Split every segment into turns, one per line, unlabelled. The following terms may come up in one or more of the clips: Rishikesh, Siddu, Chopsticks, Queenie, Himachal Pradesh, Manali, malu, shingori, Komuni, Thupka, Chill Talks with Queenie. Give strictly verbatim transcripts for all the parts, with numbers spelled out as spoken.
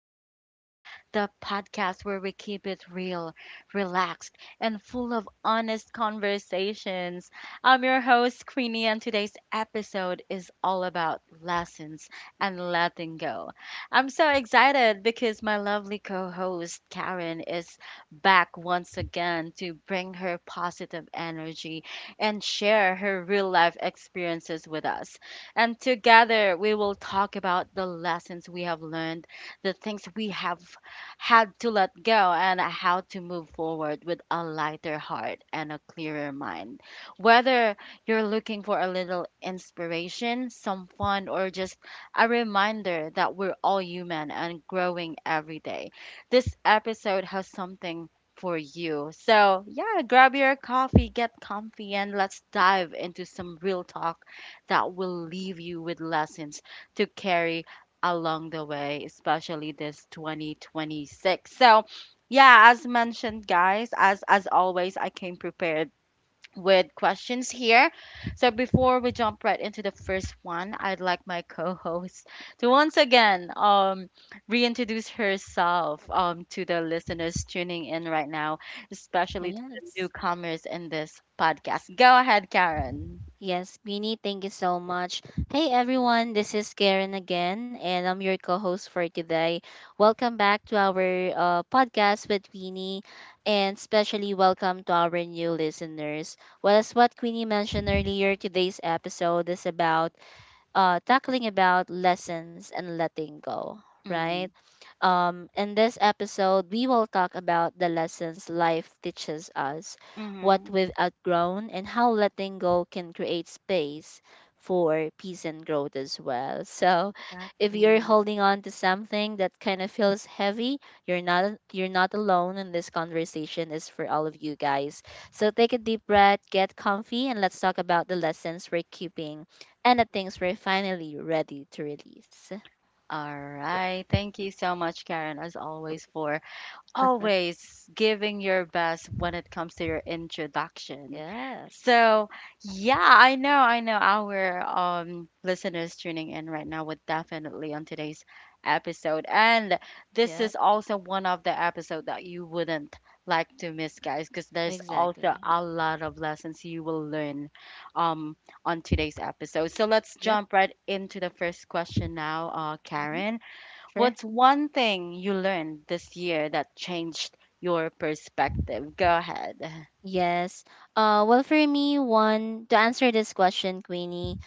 with Queenie, the podcast where we keep it real, relaxed, and full of honest conversations. I'm your host, Queenie, and today's episode is all about lessons and letting go. I'm so excited because my lovely co host, Karen, is back once again to bring her positive energy and share her real life experiences with us. And together we will talk about the lessons we have learned, the things we have had to let go, and how to move forward with a lighter heart and a clearer mind. Whether you're looking for a little inspiration, some fun, or just a reminder that we're all human and growing every day, this episode has something for you. So, yeah, grab your coffee, get comfy, and let's dive into some real talk that will leave you with lessons to carry along the way, especially this twenty twenty-six. So, yeah, as mentioned, guys, as as always, I came prepared with questions here. So before we jump right into the first one, I'd like my co-host to once again um reintroduce herself um to the listeners tuning in right now, especially to the
Yes.
newcomers in this podcast. Go ahead, Karen.
Yes, Beanie, thank you so much. Hey everyone, this is Karen again, and I'm your co host for today. Welcome back to our uh, podcast with Queenie, and especially welcome to our new listeners. Well, as what Queenie mentioned earlier, today's episode is about uh, tackling about lessons and letting go, right?
Mm-hmm.
Um, in this episode, we will talk about the lessons life teaches us, what
Mm-hmm.
we've outgrown, and how letting go can create space for peace and growth as well. So, if you're
Exactly.
holding on to something that kind of feels heavy, you're not you're not alone, and this conversation is for all of you guys. So, take a deep breath, get comfy, and let's talk about the lessons we're keeping and the things we're finally ready to release.
All right. Thank you so much, Karen, as always, for always giving your best when it comes to your introduction.
Yeah,
So, yeah, I know, I know our um, listeners tuning in right now would definitely on today's episode. And this
yeah.
is also one of the episode that you wouldn't like to miss, guys, because there's also
Exactly.
a lot of lessons you will learn um, on today's episode. So let's
Yep.
jump right into the first question now, uh,
Hmm.
Karen.
Sure.
What's one thing you learned this year that changed your perspective? Go ahead.
Yes. Uh, well, for me, one to answer this question, Queenie,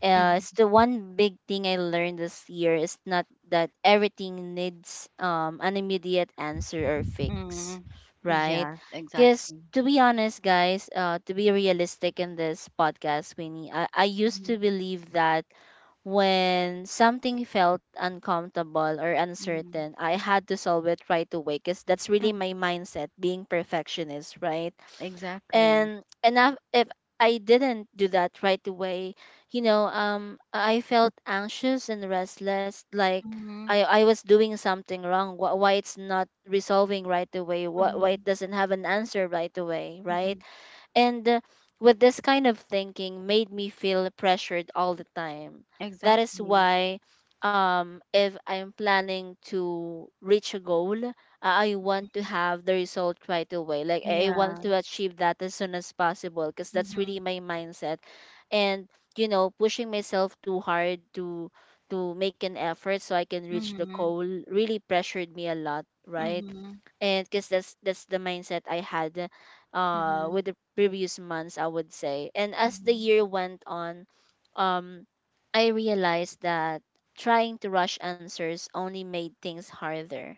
uh,
Mhm.
it's the one big thing I learned this year is not that everything needs um an immediate answer or fix,
Mm.
right?
Yeah,
Because
exactly.
to be honest, guys, uh, to be realistic in this podcast, Queenie, I, I used to
Mhm.
believe that when something felt uncomfortable or
Mm.
uncertain, I had to solve it right away because that's really
Mm.
my mindset, being perfectionist, right?
Exactly.
and and if if I didn't do that right away, you know, um, I felt anxious and restless, like I
Mhm.
I was doing something wrong. Wh- Why it's not resolving right away? Wh- Why it
Mhm.
doesn't have an answer right away? Right?
Mhm.
And uh, With this kind of thinking made me feel pressured all the time. That is
Exactly.
why um if I'm planning to reach a goal, uh, I want to
Mhm.
have the result right away. Like I want
Yeah.
to achieve that as soon as possible because that's really
Mhm.
my mindset. And you know, pushing myself too hard to to make an effort so I can reach the
Mhm.
goal really pressured me a lot, right?
Mhm.
And because that's that's the mindset I had uh
Mhm.
with the previous months, I would say, and as the
Mhm.
year went on, um I realized that trying to rush answers only made things harder,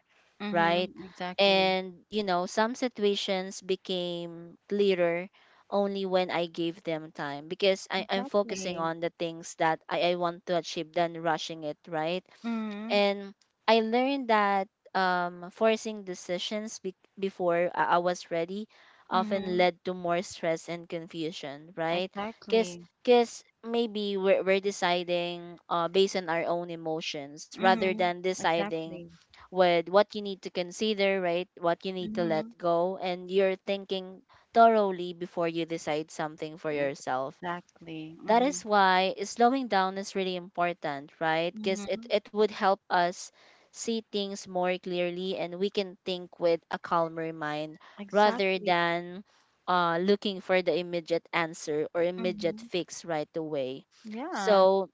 right?
Mhm. Exactly.
And you know, some situations became clearer only when I gave them time because I, i'm focusing
Exactly.
on the things that I, I want to achieve than rushing it, right?
Mhm.
And I learned that um, forcing decisions be- before I-, I was ready often
Mhm.
led to more stress and confusion, right? Because
Exactly.
because maybe we're, we're deciding uh, based on our own emotions rather
Mhm.
than deciding
Exactly.
with what you need to consider, right? What you need to let
Mhm.
go, and you're thinking thoroughly before you decide something for
Right.
yourself.
Exactly.
That
Mhm.
is why slowing down is really important, right? Because it,
Mhm.
it would help us see things more clearly and we can think with a calmer mind rather
Exactly.
than uh, looking for the immediate answer or immediate
Mhm.
fix right away.
Yeah.
So,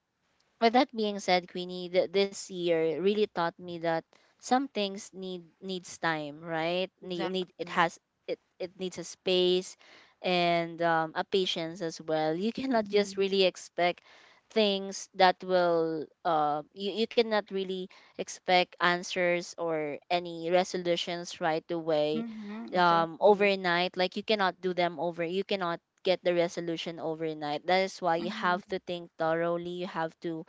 with that being said, Queenie, th- this year really taught me that some things need needs time, right? Need, need it
Exactly.
has it it needs a space and um, a patience as well. You cannot just
Mhm.
really expect things that will uh, you, you cannot really expect answers or any resolutions right away
Mhm.
um
Exactly.
overnight. Like you cannot do them over you cannot get the resolution overnight. That is why you
Mhm.
have to think thoroughly, you have to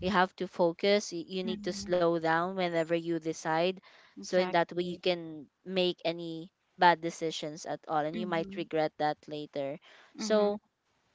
you have to focus. y- You need to
Mhm.
slow down whenever you decide. So in that way, you
Exactly.
can make any bad decisions at all, and you might
Mhm.
regret that later. So
Mhm.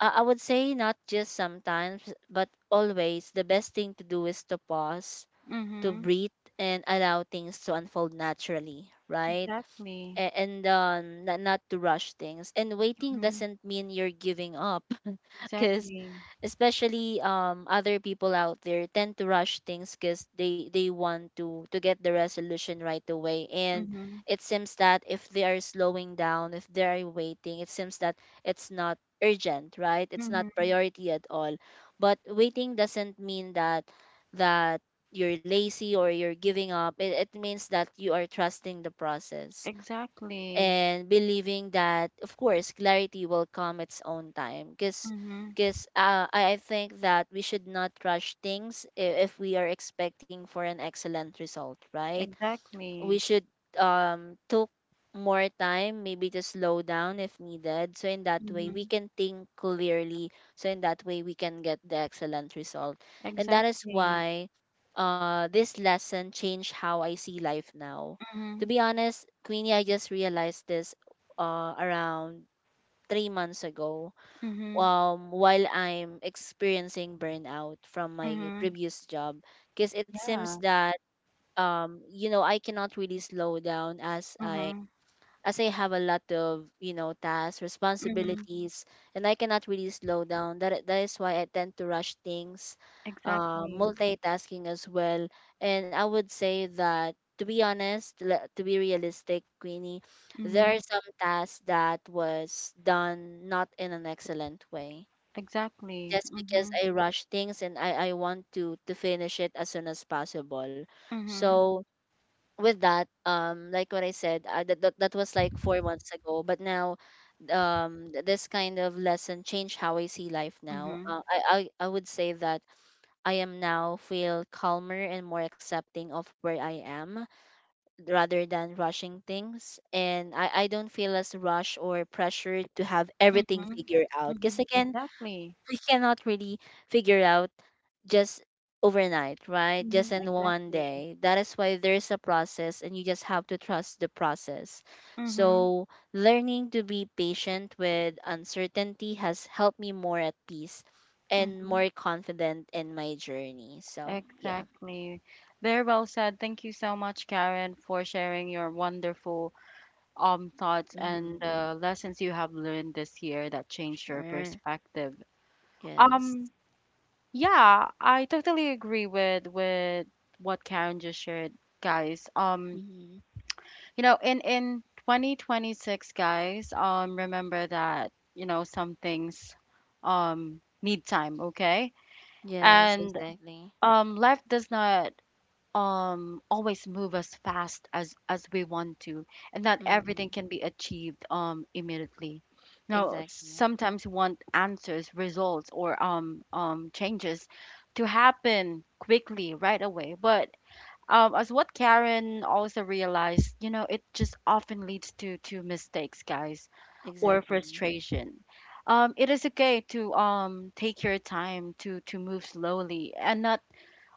uh, I would say not just sometimes, but always the best thing to do is to pause, to
Mhm.
breathe, and allow things to unfold naturally, right?
Exactly.
A- and um, not, not to rush things. And waiting
Mhm.
doesn't mean you're giving up, because
Exactly.
especially um, other people out there tend to rush things because they they want to to get the resolution right away. And
Mhm.
it seems that if they are slowing down, if they are waiting, it seems that it's not urgent, right? It's not
Mhm.
priority at all. But waiting doesn't mean that that you're lazy or you're giving up. It, it means that you are trusting the process
Exactly.
and believing that of course clarity will come its own time. because
Mhm.
because uh, I I think that we should not rush things i- if we are expecting for an excellent result, right? We
Exactly.
should um took more time maybe to slow down if needed, so in that way we
Mhm.
can think clearly, so in that way we can get the excellent result. And that is
Exactly.
why uh this lesson changed how I see life now. To
Mhm.
be honest, Queenie, I just realized this uh around three months ago
Mhm.
um while I'm experiencing burnout from my
Mhm.
previous job, because it seems
Yeah.
that um you know, I cannot really slow down as I
Mhm.
as i have a lot of you know tasks,
Mhm.
responsibilities, and I cannot really slow down. That that is why I tend to rush things, uh,
Exactly.
multitasking as well. And I would say that, to be honest, le- to be realistic, Queenie, there are
Mhm.
some tasks that was done not in an excellent way
Exactly.
just because
Mhm.
I rush things and i i want to to finish it as soon as possible.
Mhm.
So with that, um like what I said, uh, that, that that was like four months ago, but now um th- this kind of lesson changed how I see life now.
Mhm.
Uh, I, I i would say that I am now feel calmer and more accepting of where I am rather than rushing things, and i i don't feel as rushed or pressured to have everything
Mhm.
figured out, because
Mhm.
again,
Exactly.
we cannot really figure out just overnight, right? Just
Mhm.
in one
Exactly.
day. That is why there is a process and you just have to trust the process.
Mhm.
So, learning to be patient with uncertainty has helped me more at peace and
Mhm.
more confident in my journey. So, yeah.
Exactly. Very well said. Thank you so much, Karen, for sharing your wonderful um thoughts and
Mm-hmm.
uh, lessons you have learned this year that changed your
Sure.
perspective.
Yes.
Um, yeah, I totally agree with with what Karen just shared, guys. Um,
Mm-hmm.
You know, in in twenty twenty-six, guys, um, remember that, you know, some things um need time, okay?
Yes,
And
exactly.
um life does not um always move as fast as as we want to, and not
Mm-hmm.
everything can be achieved um immediately. You know,
Exactly.
sometimes we want answers, results, or um um changes to happen quickly right away, but um, as what Karen also realized, you know, it just often leads to to mistakes, guys, or
Exactly.
frustration. Um, it is okay to um take your time to to move slowly and not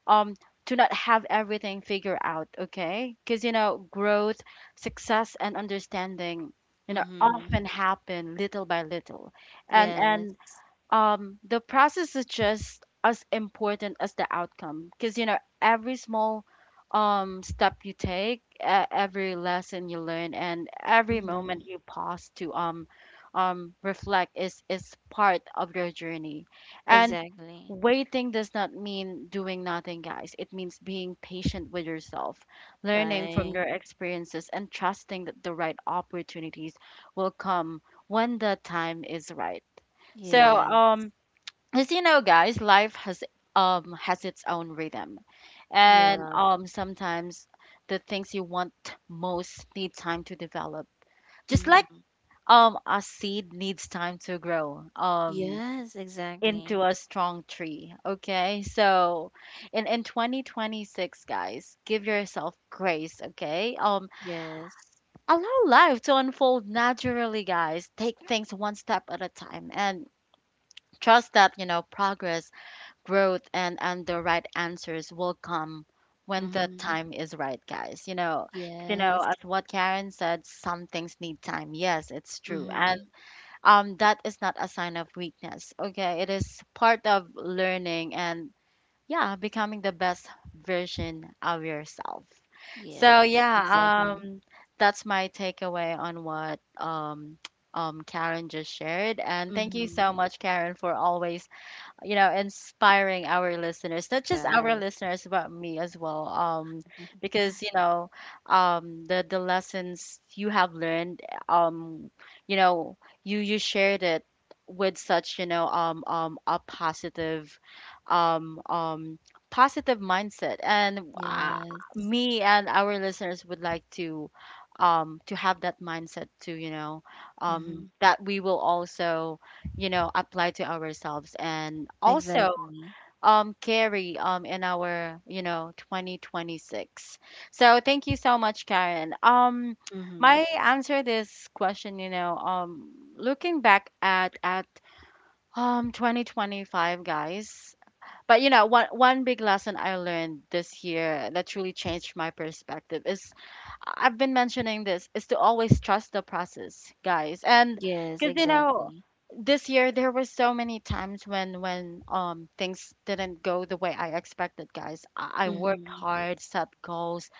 um to not have everything figured out, okay? Because you know, growth, success, and understanding, you know,
Mm-hmm.
often happen little by little, and and
Yes.
um the process is just as important as the outcome, because you know, every small um step you take, uh, every lesson you learn, and every moment
Mm-hmm.
you pause to um um reflect is is part of your journey. And
Exactly.
waiting does not mean doing nothing, guys. It means being patient with yourself, learning from
Right.
your experiences, and trusting that the right opportunities will come when the time is right. So,
Yeah.
um, as you know, guys, life has um has its own rhythm, and
Yeah.
um sometimes the things you want most need time to develop, just like
Mm.
um a seed needs time to grow um
Yes,
into
exactly.
a strong tree, okay? So in in twenty twenty-six, guys, give yourself grace, okay? Um
Yes.
allow life to unfold naturally, guys. Take things one step at a time and trust that, you know, progress, growth, and and the right answers will come when the
Mm-hmm.
time is right, guys. You know, 'cause, you know,
Yes.
as what Karen said, some things need time. Yes, it's true. And
Mm-hmm.
um that is not a sign of weakness, okay? It is part of learning and, yeah, becoming the best version of yourself. So,
Yes,
yeah,
exactly.
um that's my takeaway on what um um Karen just shared. And thank you
Mm-hmm.
so much, Karen, for always, you know, inspiring our listeners, not just our
Yes.
listeners, but me as well. Um,
Mhm.
because you know, um, the the lessons you have learned, um, you know, you you shared it with such, you know, um, um, a positive, um, um, positive mindset. And, uh,
Yes.
me and our listeners would like to, um, to have that mindset too, you know, um,
Mm-hmm.
that we will also, you know, apply to ourselves and also
Exactly.
um carry um in our, you know, twenty twenty-six. So thank you so much, Karen. Um,
Mm-hmm.
my answer this question, you know, um, looking back at at um twenty twenty-five, guys, but you know, one one big lesson I learned this year that truly changed my perspective is, I've been mentioning this, is to always trust the process, guys. And
Yes,
because you know,
exactly.
this year there were so many times when when um things didn't go the way I expected, guys. I, I worked
Mm-hmm.
hard, set goals,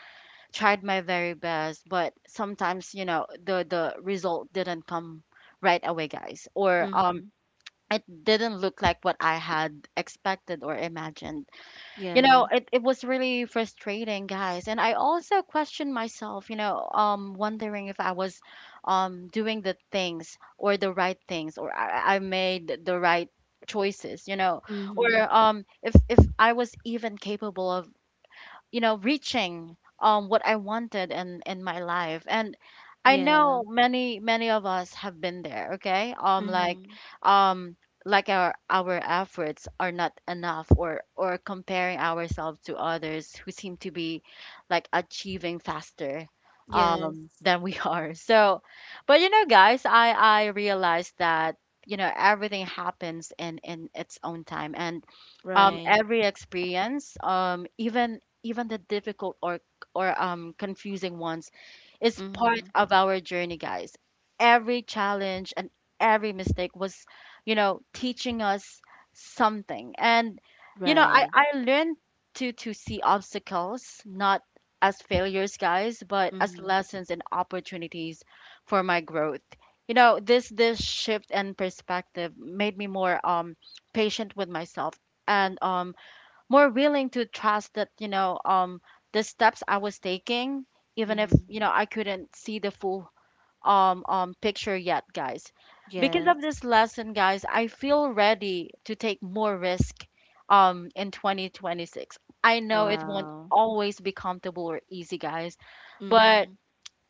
tried my very best, but sometimes you know, the the result didn't come right away, guys, or
Mm-hmm.
um it didn't look like what I had expected or imagined. You know,
Yes.
it, it was really frustrating, guys, and I also questioned myself, you know, um, wondering if I was um doing the things or the right things, or i, I made the right choices, you know, or
Mm-hmm.
um if if I was even capable of, you know, reaching um what I wanted in in my life. And I
Yeah.
know many, many of us have been there, okay? Um, like
Mm-hmm.
um like our our efforts are not enough, or or comparing ourselves to others who seem to be like achieving faster
Yes.
um than we are. So but you know, guys, i i realized that, you know, everything happens in in its own time. And um,
Right.
every experience, um, even even the difficult or or um, confusing ones, is part
Mm-hmm.
of our journey, guys. Every challenge and every mistake was, you know, teaching us something. And you know, I
Right.
I learned to to see obstacles not as failures, guys, but as
Mm-hmm.
lessons and opportunities for my growth. You know, this this shift and perspective made me more um patient with myself and um more willing to trust that, you know, um, the steps I was taking, even if,
Mm-hmm.
you know, I couldn't see the full um um picture yet, guys. Because of
Yes.
this lesson, guys, I feel ready to take more risk um in twenty twenty-six. I know it won't
Wow.
always be comfortable or easy, guys,
Mm-hmm.
but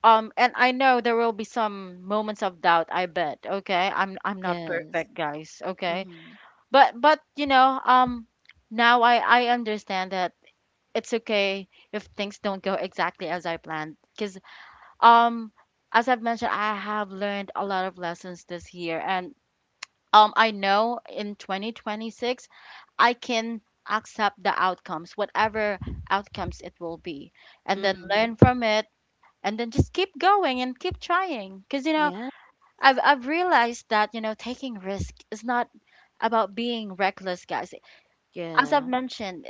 um and I know there will be some moments of doubt, I bet. Okay, I'm I'm not
Yes.
perfect, guys, okay?
Mm-hmm.
But but you know, um, now i i understand that it's okay if things don't go exactly as I planned, because um, as I've mentioned, I have learned a lot of lessons this year. And um, I know in twenty twenty-six I can accept the outcomes, whatever outcomes it will be, and then
Mm-hmm.
learn from it, and then just keep going and keep trying. Because you know,
Yeah.
i've I've realized that, you know, taking risk is not about being reckless, guys. As
Yeah.
I've mentioned,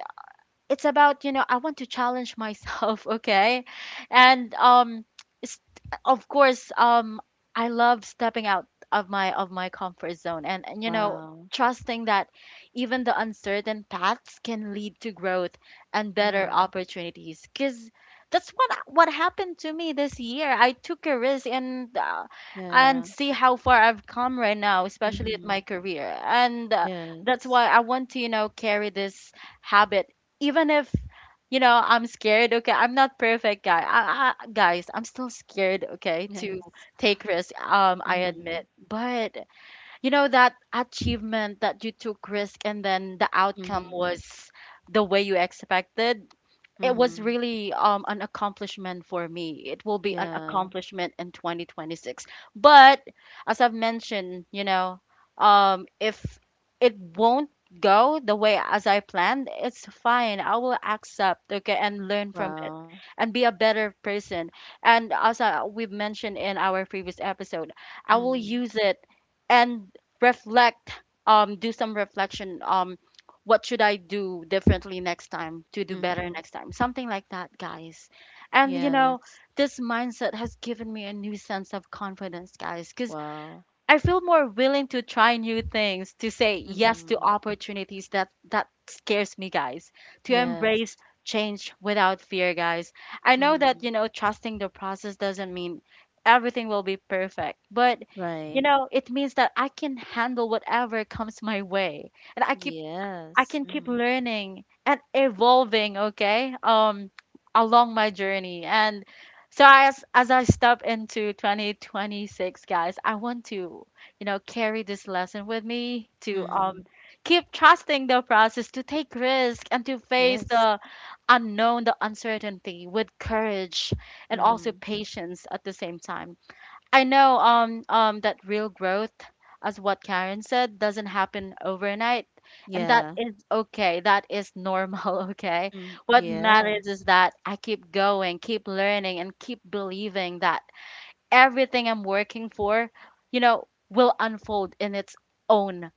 it's about, you know, I want to challenge myself okay. And um, s- of course, um, I love stepping out of my of my comfort zone, and, and you know,
Wow.
trusting that even the uncertain paths can lead to growth and better
Mm-hmm.
opportunities. Because that's what what happened to me this year. I took a risk, and uh,
Yeah.
and see how far I've come right now, especially at
Mm-hmm.
my career. And uh, that's
Yes.
why I want to, you know, carry this habit even if, you know, I'm scared. Okay, I'm not perfect, guy, I, I, guys, I'm still scared, okay, to
Yes.
take risk, um, I
Mm-hmm.
admit. But you know, that achievement that you took risk and then the outcome
Mm-hmm.
was the way you expected, it was
Mm-hmm.
really um an accomplishment for me. It will be an
Yeah.
accomplishment in twenty twenty-six. But as I've mentioned, you know, um, if it won't go the way as I planned, it's fine. I will accept, okay, and learn from it
Wow.
and be a better person. And as I, we've mentioned in our previous episode, I will
Mm-hmm.
use it and reflect, um, do some reflection, um, what should I do differently next time to do better
Mm-hmm.
next time? Something like that, guys. And you know,
Yes.
this mindset has given me a new sense of confidence, guys, because
Wow.
I feel more willing to try new things, to say yes to
Mm-hmm.
opportunities that that scares me, guys, to
Yes.
embrace change without fear, guys. I know
Mm-hmm.
that, you know, trusting the process doesn't mean everything will be perfect, but you
Right.
know, it means that I can handle whatever comes my way and I can I
Yes.
can keep
Mm-hmm.
learning and evolving, okay? Um along my journey. And so as as I step into twenty twenty-six, guys, I want to, you know, carry this lesson with me to
Mm-hmm.
um keep trusting the process, to take risk and to face
Yes.
the unknown, the uncertainty with courage and also
Mm-hmm.
patience at the same time. I know um um that real growth, as what Karen said, doesn't happen overnight, and that
Yeah.
is okay. That is normal, okay?
Mm,
What
yeah.
matters is that I keep going, keep learning, and keep believing that everything I'm working for, you know, will unfold in its own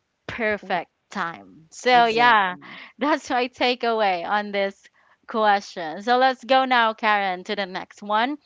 W-
perfect time. So yeah,
Exactly.
that's my takeaway on this question. So let's go now, Karen, to the next one.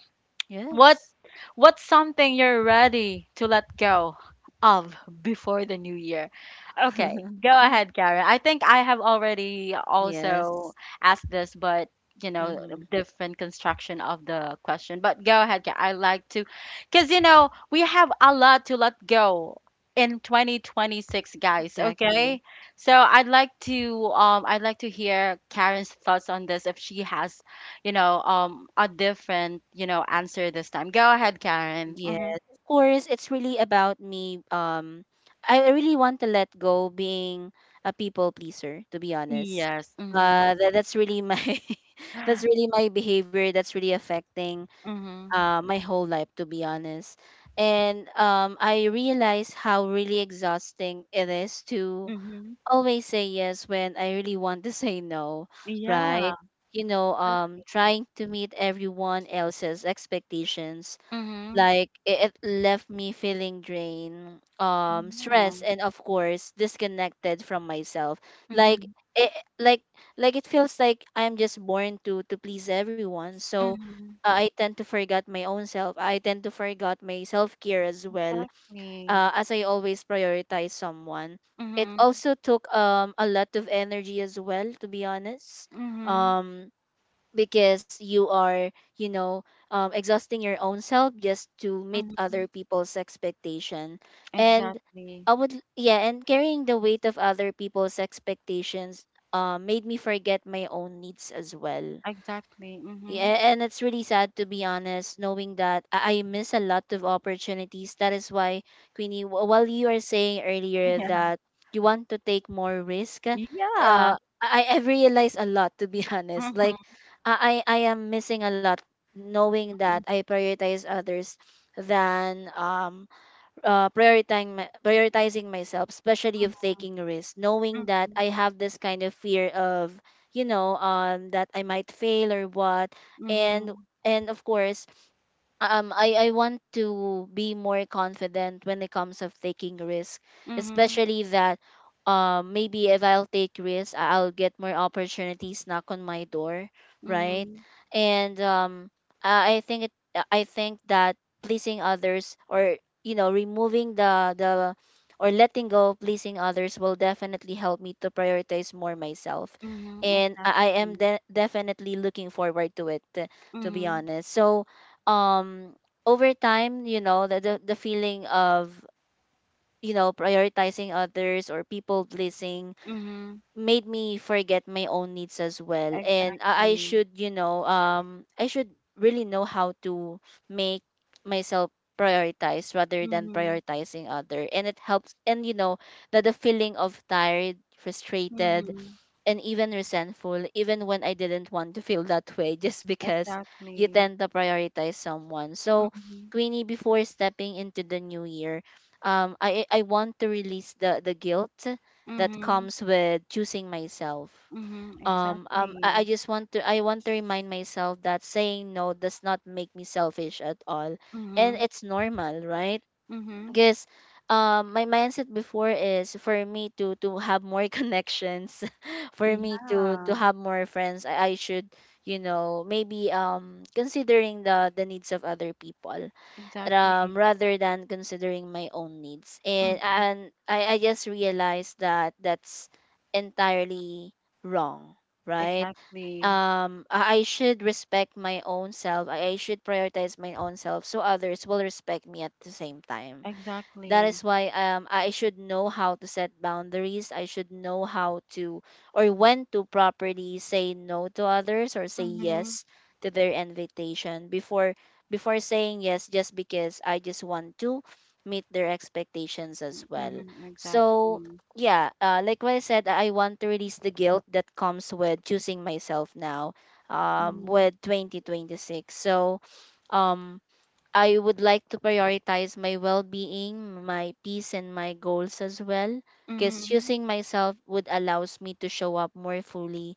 What
Yes.
What's something you're ready to let go of before the new year? Okay, go ahead, Karen. I think I have already also
Yes.
asked this, but you know,
Mm-hmm.
different construction of the question. But go ahead, Karen. I like to, because you know, we have a lot to let go in twenty twenty-six, guys.
Exactly.
Okay, so I'd like to um I'd like to hear Karen's thoughts on this if she has you know, um, a different, you know, answer this time. Go ahead, Karen.
Yes.
Mm-hmm.
Of course, it's really about me. Um, I really want to let go being a people pleaser, to be honest.
Yes. Mm-hmm.
Uh, that, that's really my that's really my behavior that's really affecting
Mm-hmm.
uh, my whole life, to be honest. And um, I realize how really exhausting it is to
Mm-hmm.
always say yes when I really want to say no,
Yeah,
right? You know,
exactly.
um, trying to meet everyone else's expectations,
Mm-hmm.
like it, it left me feeling drained, um,
Yeah.
stressed, and of course disconnected from myself. Like
Mm-hmm.
it, like, like it feels like I'm just born to to please everyone. So
Mm-hmm.
uh, I tend to forget my own self. I tend to forget my self care as well,
Exactly.
uh, as I always prioritize someone. It
Mm-hmm.
also took um a lot of energy as well, to be honest.
Mm-hmm.
Um, because you are, you know, um, exhausting your own self just to meet
Mm-hmm.
other people's expectation, and
Exactly.
I would, yeah, and carrying the weight of other people's expectations, uh, made me forget my own needs as well.
Exactly. Mm-hmm.
Yeah, and it's really sad to be honest, knowing that I I miss a lot of opportunities. That is why, Queenie, wh- while you are saying earlier
Yeah.
that you want to take more risk, uh,
Yeah.
I I I've realized a lot to be honest. Like,
Mm-hmm.
I I I am missing a lot, knowing that I
Mm-hmm.
prioritize others than um uh, prioritizing my, prioritizing myself, especially of taking risks, knowing that
Mm-hmm.
I have this kind of fear of you know um that I might fail or what, and
Mm-hmm.
and of course um I, I want to be more confident when it comes of taking risk, especially that um maybe if I'll take risk, I- I'll get more opportunities knock on my door, right?
Mm-hmm.
And um I I think it uh, I think that pleasing others or you know removing the the or letting go of pleasing others will definitely help me to prioritize more myself.
Mm-hmm.
And I I am
Exactly.
de- definitely looking forward to it, to be
Mm-hmm.
honest. So, um over time you know the the, the feeling of you know prioritizing others or people pleasing
Mm-hmm.
made me forget my own needs as well. And i, I
Exactly.
should you know um i should really know how to make myself prioritize rather than
Mhm.
prioritizing other, and it helps. And you know that the feeling of tired, frustrated,
Mhm.
and even resentful, even when I didn't want to feel that way, just because you
Exactly.
tend to prioritize someone. So,
Mhm.
Queenie, before stepping into the new year, um, I I I want to release the the guilt that
Mhm.
comes with choosing myself.
Mhm.
Um, um, I, I
Exactly.
just want to I want to remind myself that saying no does not make me selfish at all, and
Mhm.
it's normal, right?
Mhm.
'Cause, um my mindset before is for me to to have more connections for me to to
Yeah.
have more friends. I, I should you know maybe um considering the the needs of other people, um
Exactly.
rather than considering my own needs. and
Mhm.
and I, I just realized that that's entirely wrong, right?
Exactly.
um I I should respect my own self. I I should prioritize my own self so others will respect me at the same time. That is
Exactly.
why, um, i should know how to set boundaries. I should know how to, or when to properly say no to others, or say
Mhm.
yes to their invitation before before saying yes, just because i just want to meet their expectations as well.
Mhm.
So
Exactly.
yeah, uh, like what i said, I want to release the guilt that comes with choosing myself now, um,
Mhm.
with twenty twenty-six. So, um I would like to prioritize my well being, my peace, and my goals as well. Because
Mhm.
choosing myself would allows me to show up more fully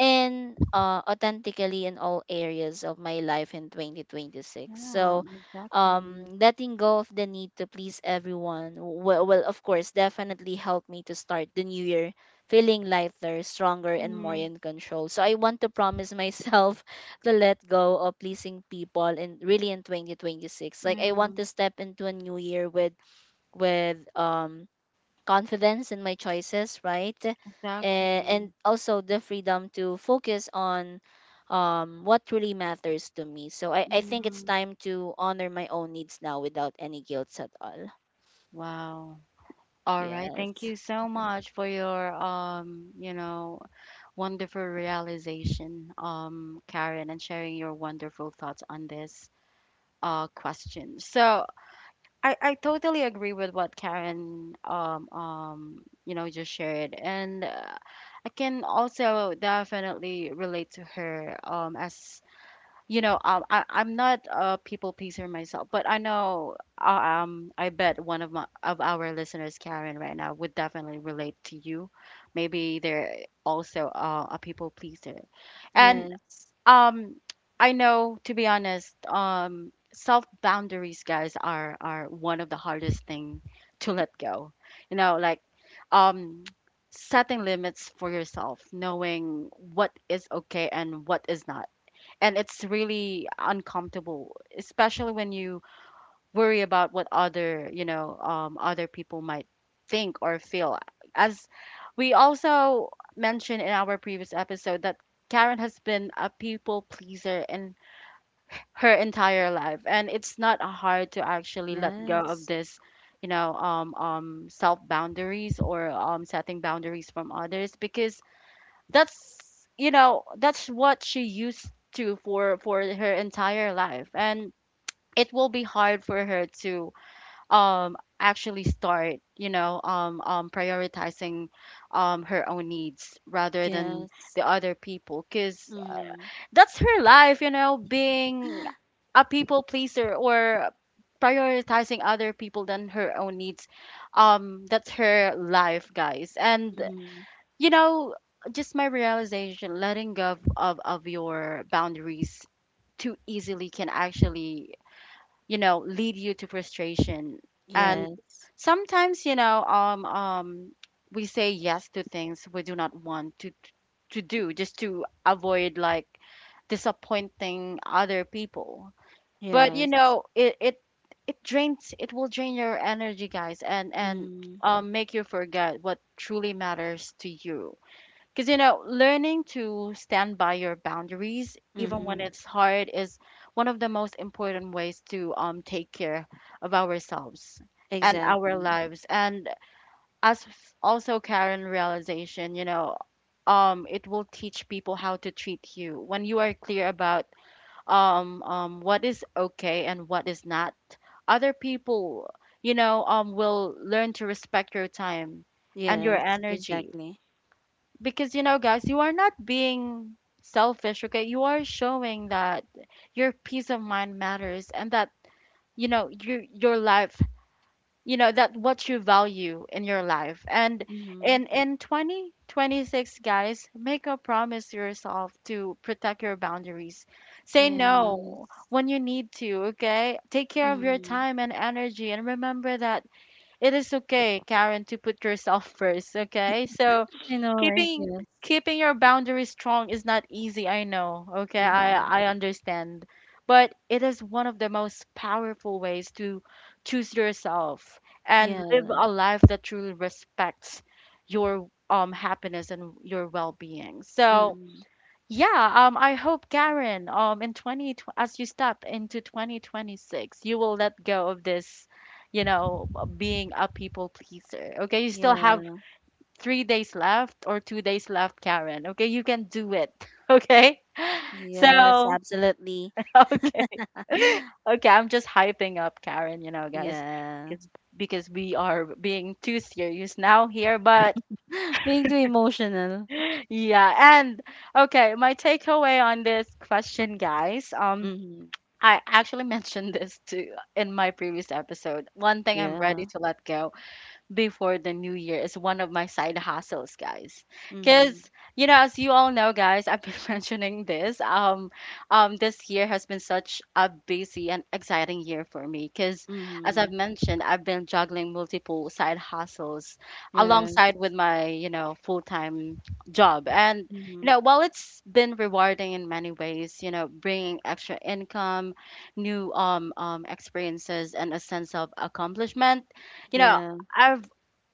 and, uh, authentically in all areas of my life in twenty twenty-six.
Yeah.
So,
Exactly.
um, letting go of the need to please everyone will, will, of course, definitely help me to start the new year feeling lighter, stronger, and more
Mhm.
in control. So, I want to promise myself to let go of pleasing people in really in twenty twenty-six. Like, I want to
Mhm.
step into a new year with with um confidence in my choices, right? Eh,
Exactly.
and also the freedom to focus on, um, what really matters to me. So I, I think it's
Mhm.
time to honor my own needs now without any guilt at all.
Wow. All right. Thank
Yes.
you so much for your um, you know, wonderful realization, um, Karen, and sharing your wonderful thoughts on this uh question. So I, I totally agree with what Karen um um you know just shared, and uh, I can also definitely relate to her um as you know, um, I, I'm not a people pleaser myself, but I know, uh, um, I bet one of my of our listeners, Karen, right now would definitely relate to you. Maybe they're also uh, a people pleaser, and
Yes.
um, I know to be honest, um, self boundaries, guys, are are one of the hardest thing to let go. You know, like, um. Setting limits for yourself, knowing what is okay and what is not, and it's really uncomfortable especially when you worry about what other you know um, other people might think or feel, as we also mentioned in our previous episode, that Karen has been a people pleaser in her entire life and it's not hard to actually let go of
Yes.
this, you know um, um, self boundaries or um, setting boundaries from others because that's you know that's what she used to for for her entire life, and it will be hard for her to um actually start you know um um prioritizing um her own needs rather than
Yes.
the other people, cuz
Mm.
that's her life, you know, being a people pleaser or prioritizing other people than her own needs, um that's her life, guys. And
Mm.
you know, just my realization, letting go of, of, of your boundaries too easily can actually, you know, lead you to frustration. And
Yes.
sometimes you know um um we say yes to things we do not want to to do just to avoid like disappointing other people. But you
Yes.
know, it it it drains it will drain your energy, guys, and and
Mm.
um, make you forget what truly matters to you, because, you know, learning to stand by your boundaries, even
Mm-hmm.
when it's hard, is one of the most important ways to, um, take care of ourselves and our
Exactly.
lives. And as also Karen realization, you know, um, it will teach people how to treat you when you are clear about um, um, what is okay and what is not. Other people, you know, um, will learn to respect your time and your
Yes.
energy,
Exactly.
because, you know, guys, you are not being selfish, okay? You are showing that your peace of mind matters and that, you know, you, your life, you know, that what you value in your life. And
Mm-hmm.
in, in twenty twenty-six, guys, make a promise to yourself to protect your boundaries. Say
Yes.
no when you need to, okay? Take care of your
Mm.
time and energy, and remember that it is okay, Karen, to put yourself first, okay? So,
I know, right?
keeping
Yes.
keeping your boundaries strong is not easy, I know, okay?
Mm-hmm.
I i understand, but it is one of the most powerful ways to choose yourself and live
Yeah.
a life that truly respects your um happiness and your well-being. So
Mm.
yeah, um I hope Karen, um in twenty tw- as you step into twenty twenty-six you will let go of this, you know, being a people pleaser. Okay, you still have
Yeah.
three days left or two days left, Karen. Okay, you can do it. Okay,
Yes,
so
absolutely.
okay, okay, I'm just hyping up Karen, you know, guys,
Yeah.
because because we are being too serious now here, but
Being too emotional.
yeah, and okay, my takeaway on this question, guys, um.
Mm-hmm.
I actually mentioned this too in my previous episode. One thing I'm ready
Yeah.
to let go before the new year is one of my side hustles, guys.
Mm-hmm.
Because you know, as you all know, guys, I've been mentioning this. Um, um, this year has been such a busy and exciting year for me. Because as I've
Mm-hmm.
mentioned, I've been juggling multiple side hustles
Yes.
alongside with my, you know, full time job, and you
Mm-hmm.
know, while it's been rewarding in many ways, you know, bringing extra income, new um um experiences, and a sense of accomplishment, you know.
Yeah.
I've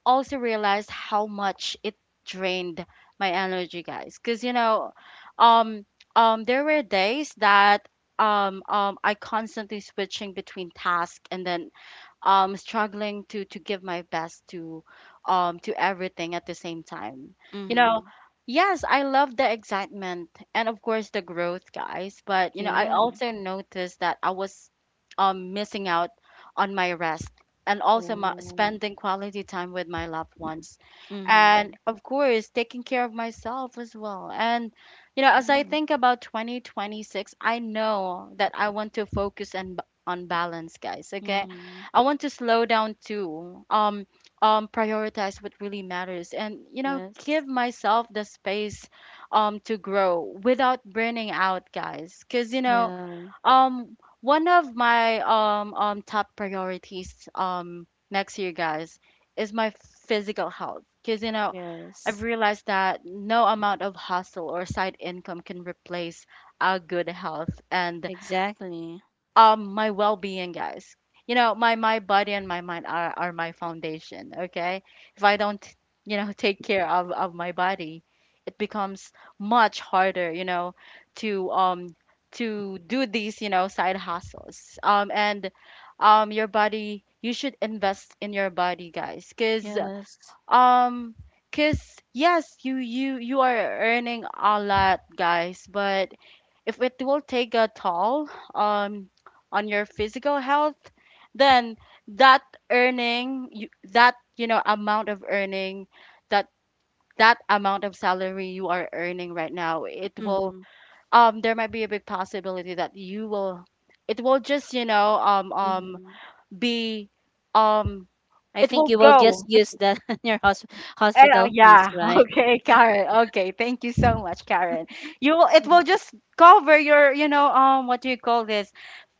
also realized how much it drained my energy, guys. Because you know, um, um, there were days that um, um, I constantly switching between tasks and then um struggling to to give my best to um to everything at the same time, you know.
Mm-hmm.
Yes, I love the excitement and of course the growth, guys, but you know I
Yeah.
also noticed that I was um missing out on my rest and also my
Oh.
spending quality time with my loved ones,
Mm-hmm.
and of course taking care of myself as well. And you know, as I
Yeah.
think about twenty twenty-six, I know that I want to focus and on on balance, guys, okay?
Mm-hmm.
I want to slow down too. Um, um, prioritize what really matters, and you know,
Yes.
give myself the space, um, to grow without burning out, guys. Cause you know,
Yeah.
um, one of my um um top priorities um next year, guys, is my physical health. Cause you know, I've
Yes.
realized that no amount of hustle or side income can replace a good health and
Exactly.
um my well-being, guys. You know, my my body and my mind are, are my foundation, okay? If I don't, you know, take care of, of my body, it becomes much harder, you know, to um to do these, you know, side hustles, um and um your body, you should invest in your body, guys, because
Yes.
um because yes, you you you are earning a lot, guys, but if it will take a toll, um, on your physical health, then that earning, you, that, you know, amount of earning, that that amount of salary you are earning right now, it will,
Mm-hmm.
um, there might be a big possibility that you will, it will just, you know, um um
Mm-hmm.
be um,
I
it
think
will
you will just
go. It,
use that on your hos-
eh, uh,
hospital fees,
yeah.
right?
Okay, Karen. Okay, thank you so much, Karen. You will. It will
Mm.
just cover your, you know, um, what do you call this?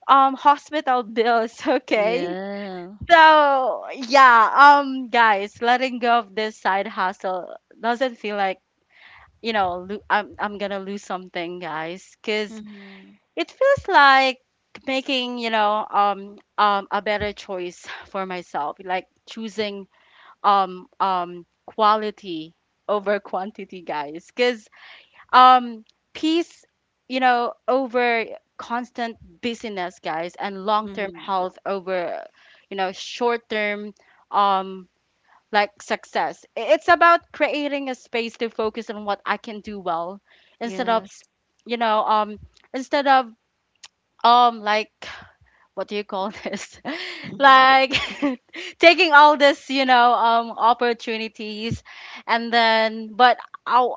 um Hospital bills. Okay.
Yeah.
So yeah um guys, letting go of this side hustle doesn't feel like, you know lo- I'm, I'm gonna lose something, guys, because
Mm-hmm.
it feels like making, you know um um a better choice for myself, like choosing um um quality over quantity, guys, because um peace, you know, over constant busyness, guys, and long-term
Mm-hmm.
health over, you know, short-term, um like, success. I- it's about creating a space to focus on what I can do well instead of s-
Yes.
you know, um instead of, um like, what do you call this,
Mm-hmm.
like, taking all this you know um opportunities and then. But I,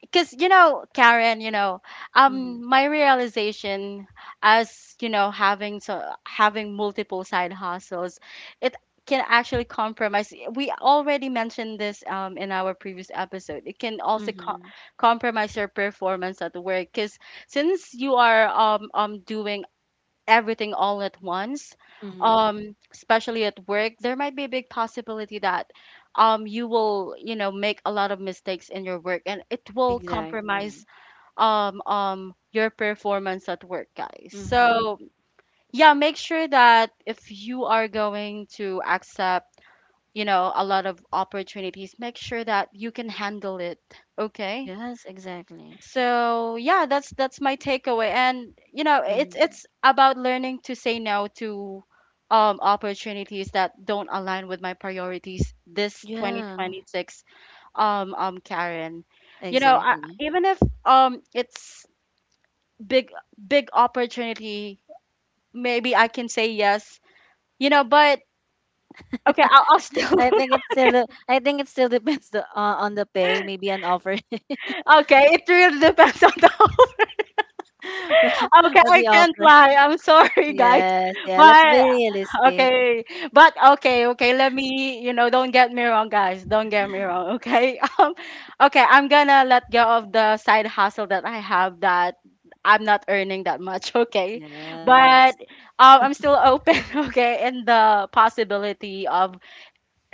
because, you know, Karen, you know,
Mm-hmm.
um my realization, as you know, having so having multiple side hustles, it can actually compromise. We already mentioned this, um, in our previous episode. It can also co-
Mm-hmm.
compromise your performance at work, because since you are um, um doing everything all at once,
Mm-hmm.
um, especially at work, there might be a big possibility that, um, you will, you know, make a lot of mistakes in your work, and it will compromise
Exactly.
um, um, your performance at work, guys.
Mm-hmm.
So, yeah, make sure that if you are going to accept, you know, a lot of opportunities, make sure that you can handle it, okay?
Yes, exactly.
So yeah, that's that's my takeaway. And you know, it's
Mm-hmm.
it's about learning to say no to um opportunities that don't align with my priorities this
Yeah,
twenty twenty-six, um um Karen. You know, I,
exactly.
even if um it's big big opportunity, maybe I can say yes. You know, but okay, I'll, I'll still
I think it's still the- I think it still depends the, uh, on the pay, maybe an offer.
okay, it really depends on the okay,
On
I
the
can't
offer.
lie. I'm sorry, guys.
Yes, yeah, let's
But
be realistic.
okay, but okay, okay. Let me, you know, don't get me wrong, guys. Don't get me wrong. Okay, um, okay. I'm gonna let go of the side hustle that I have that I'm not earning that much. Okay,
Yes.
but um, I'm still open. Okay, in the possibility of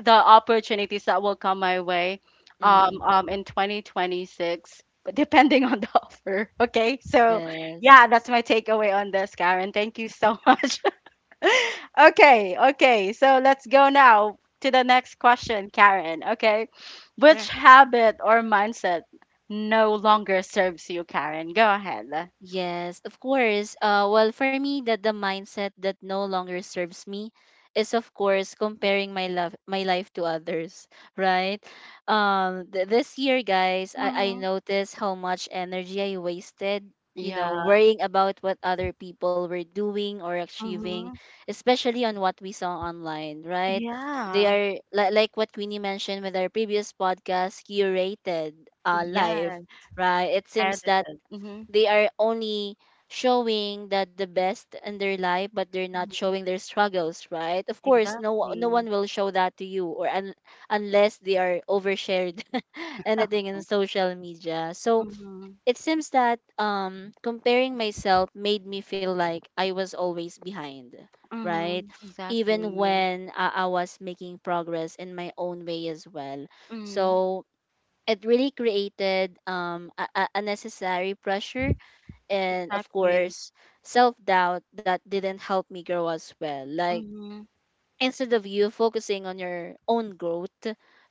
the opportunities that will come my way um,
Mm.
um, in twenty twenty-six, but depending on the offer. Okay, so
Yes.
yeah, that's my takeaway on this, Karen. Thank you so much. Okay, okay, so let's go now to the next question, Karen. Okay, which
Sure.
habit or mindset no longer serves you, Karen? Go ahead.
Yes, of course. Uh, well, for me, that the mindset that no longer serves me is, of course, comparing my love, my life to others, right? Um, th- this year, guys, I, I
Mm-hmm.
noticed how much energy I wasted, you know,
Yeah.
worrying about what other people were doing or achieving,
Mm-hmm.
especially on what we saw online, right? They
Yeah.
are li- like what Queenie mentioned with our previous podcast, curated, uh, life,
Yes.
right? It seems that
Edited. Mm-hmm.
they are only showing the the best in their life, but they're not
Mm-hmm.
showing their struggles, right? Of course, no o- no
Exactly.
one will show that to you, or un- unless they are overshared anything in
Okay.
social media. So
Mhm.
it seems that um comparing myself made me feel like i was always behind, right?
Mhm.
Even
Exactly.
when i, I was making progress in my own way as well.
Mm.
So it really created um a, a a necessary pressure and, of
Exactly.
course, self doubt that didn't help me grow as well. Like,
Mhm.
instead of you focusing on your own growth,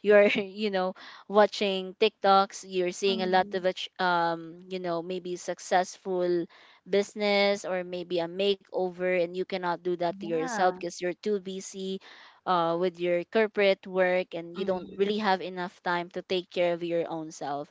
you're you know watching tiktoks, you're seeing a lot
Mhm.
of ach- um you know maybe successful business or maybe a makeover, and you cannot do that to yourself
Yeah.
because you're too busy, uh, with your corporate work, and you don't
Mhm.
really have enough time to take care of your own self.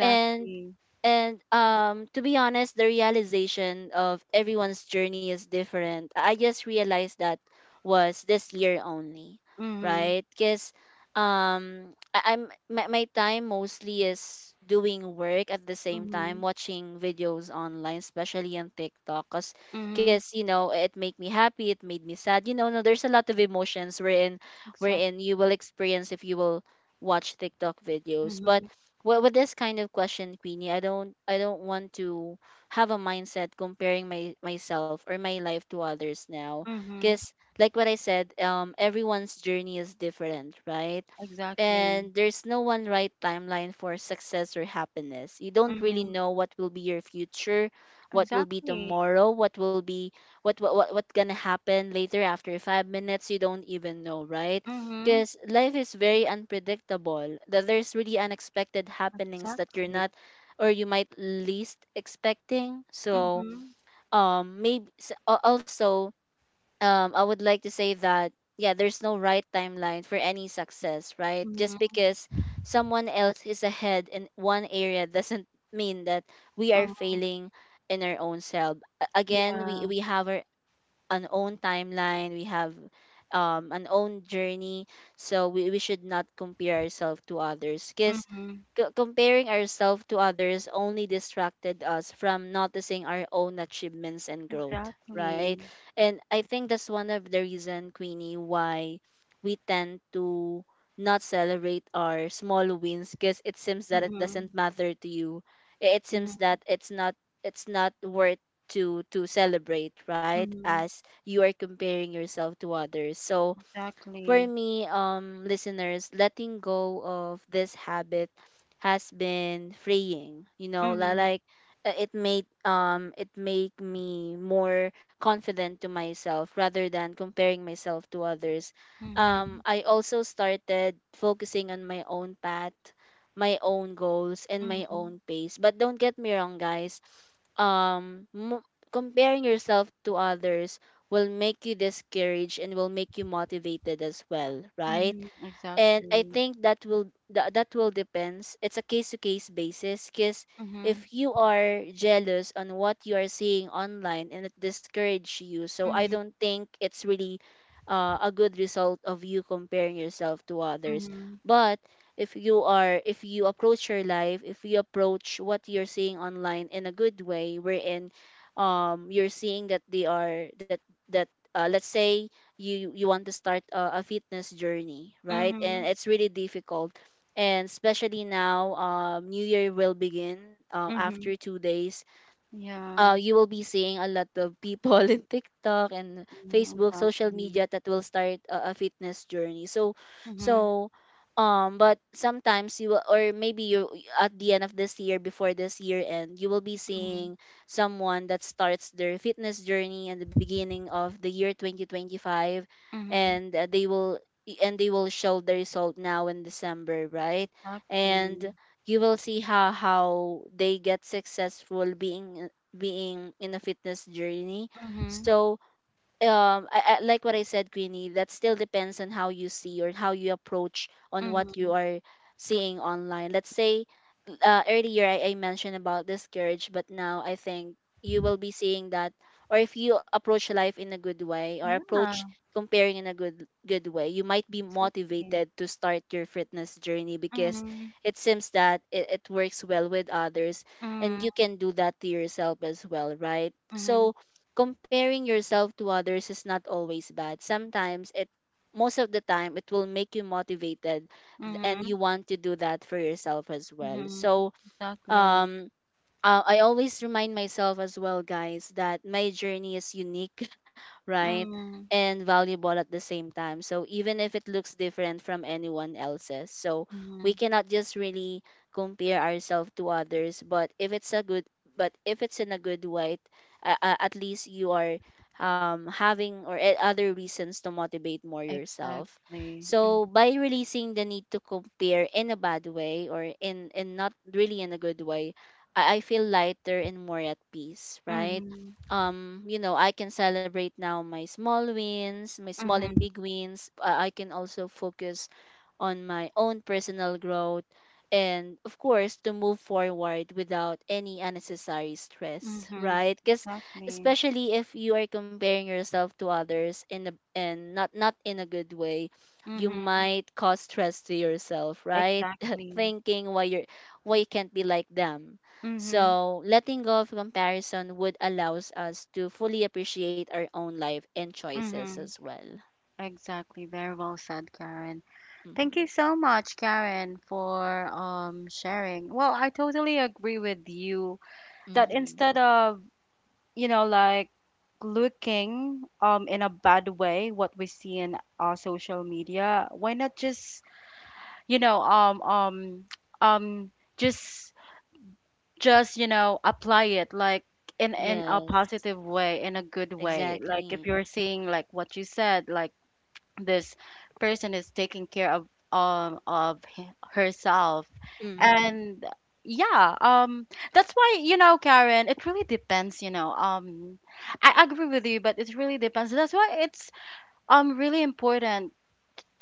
and and um to be honest, the realization of everyone's journey is different. I just realized that was this year only,
Mhm.
right? Because um, I- I'm my, my time mostly is doing work at the same time,
Mhm.
watching videos online, especially on TikTok, cause,
Mhm.
'cause, you know, it make me happy, it made me sad. You know, no, there's a lot of emotions wherein
Exact.
wherein you will experience if you will watch TikTok videos, but.
Mhm.
With, with this kind of question, Queenie, I don't I don't want to have a mindset comparing my myself or my life to others now.
Mhm.
Because like what I said, um, everyone's journey is different, right?
Exactly.
And there's no one right timeline for success or happiness. You don't really
Mhm.
know what will be your future, what will be
Exactly.
tomorrow, what will be what what what what's gonna happen later after five minutes. You don't even know, right?
Mhm.
Because life is very unpredictable. That there's really unexpected happenings that you're
Exactly.
not, or you might least expecting. So
Mhm.
um maybe also, um, I would like to say that yeah, there's no right timeline for any success, right? Just
Mhm.
because someone else is ahead in one area doesn't mean that we are
Mhm.
failing in our own self. A- Again, we
Yeah.
we have our an own timeline. We have um an own journey, so we, we should not compare ourselves to others, because
Mhm.
comparing ourselves to others only distracted us from noticing our own achievements and growth,
Exactly.
right? And i think that's one of the reason, Queenie, why we tend to not celebrate our small wins, because it seems that it
Mhm.
doesn't matter to you. I- it
Mhm.
seems that it's not it's not worth to to celebrate, right,
Mhm.
as you are comparing yourself to others. So
Exactly.
for me, um, listeners, letting go of this habit has been freeing. You know, li-
Mhm.
like, uh, it made um it made me more confident to myself rather than comparing myself to others.
Mhm.
Um, I also started focusing on my own path, my own goals, and my
Mhm.
own pace. But don't get me wrong, guys. um mo- Comparing yourself to others will make you discouraged and will make you motivated as well, right?
Mhm,
And i
exactly.
think that will that, that will depends, it's a case to case basis, because
Mhm,
if you are jealous on what you are seeing online and it discourage you, so i
mhm,
don't think it's really, uh, a good result of you comparing yourself to others.
mhm,
But if you are if you approach your life, if you approach what you're seeing online in a good way, wherein um you're seeing that they are that that uh, let's say you you want to start a, a fitness journey, right,
mhm,
and it's really difficult, and especially now, um, new year will begin, uh,
mhm.
after two days.
Yeah,
Uh, You will be seeing a lot of people in TikTok and
mhm,
Facebook, social
exactly.
media, that will start a, a fitness journey. So,
Mhm,
so, um, but sometimes you will, or maybe you, at the end of this year, before this year end, you will be
mhm,
seeing someone that starts their fitness journey in the beginning of the year twenty twenty-five,
mhm,
and, uh, they will and they will show the result now in December, right?
exactly.
And you will see how how they get successful being being in a fitness journey.
Mhm,
So, um I, I, like what I said, Queenie, that still depends on how you see or how you approach on what
mhm.
you are seeing online. Let's say, uh, earlier I, I mentioned about discourage, but now I think you will be seeing that, or if you approach life in a good way, or
Yeah,
approach comparing in a good good way, you might be
exactly.
motivated to start your fitness journey because
Mhm,
it seems that it, it works well with others, and you
mhm,
can do that to yourself as well, right?
mhm,
So comparing yourself to others is not always bad. Sometimes it Most of the time it will make you motivated, th- and
mhm,
you want to do that for yourself as well.
mhm,
So,
exactly.
um uh, I always remind myself as well, guys, that my journey is unique, right?
Mhm,
And valuable at the same time. So even if it looks different from anyone else's, so we
mhm,
cannot just really compare ourselves to others. But if it's a good, but if it's in a good way, uh, uh, at least you are, um, having or e- other reasons to motivate more yourself.
exactly. Mhm,
So by releasing the need to compare in a bad way, or in in not really in a good way, I, I feel lighter and more at peace, right?
mhm,
Um, you know, I can celebrate now my small wins, my small
mhm,
and big wins. I, I can also focus on my own personal growth, and of course, to move forward without any unnecessary stress,
mhm,
right? Because
exactly.
especially if you are comparing yourself to others in a, and not not in a good way, you
Mhm,
might cause stress to yourself, right?
exactly.
Thinking why you're why you can't be like them.
Mhm,
So, letting go of comparison would allows us to fully appreciate our own life and choices
mhm.
as well.
Exactly. Very well said, Karen. Thank you
Mm-hmm.
so much, Karen, for um sharing. Well, I totally agree with you that
Mm-hmm.
instead of, you know, like, looking um in a bad way what we see in our social media, why not just, you know, um um um just just, you know, apply it, like, in in a
Yes.
positive way, in a good way. Like if
Exactly.
you're seeing like what you said, like this person is taking care of um of he- herself
Mm-hmm.
and yeah, um that's why, you know, Karen, it really depends, you know, um I agree with you, but it really depends. That's why it's um really important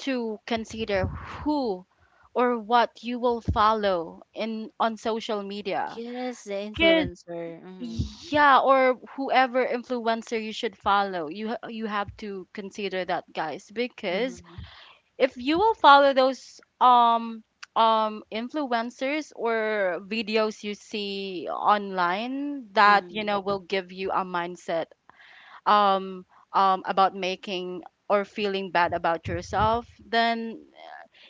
to consider who or what you will follow in on social media,
Yes, the
because
influencer. Mm-hmm.
yeah, or whoever influencer you should follow, you ha- you have to consider that, guys, because
Mm-hmm.
if you will follow those um um influencers or videos you see online that, you
Mm-hmm.
know, will give you a mindset um um about making or feeling bad about yourself, then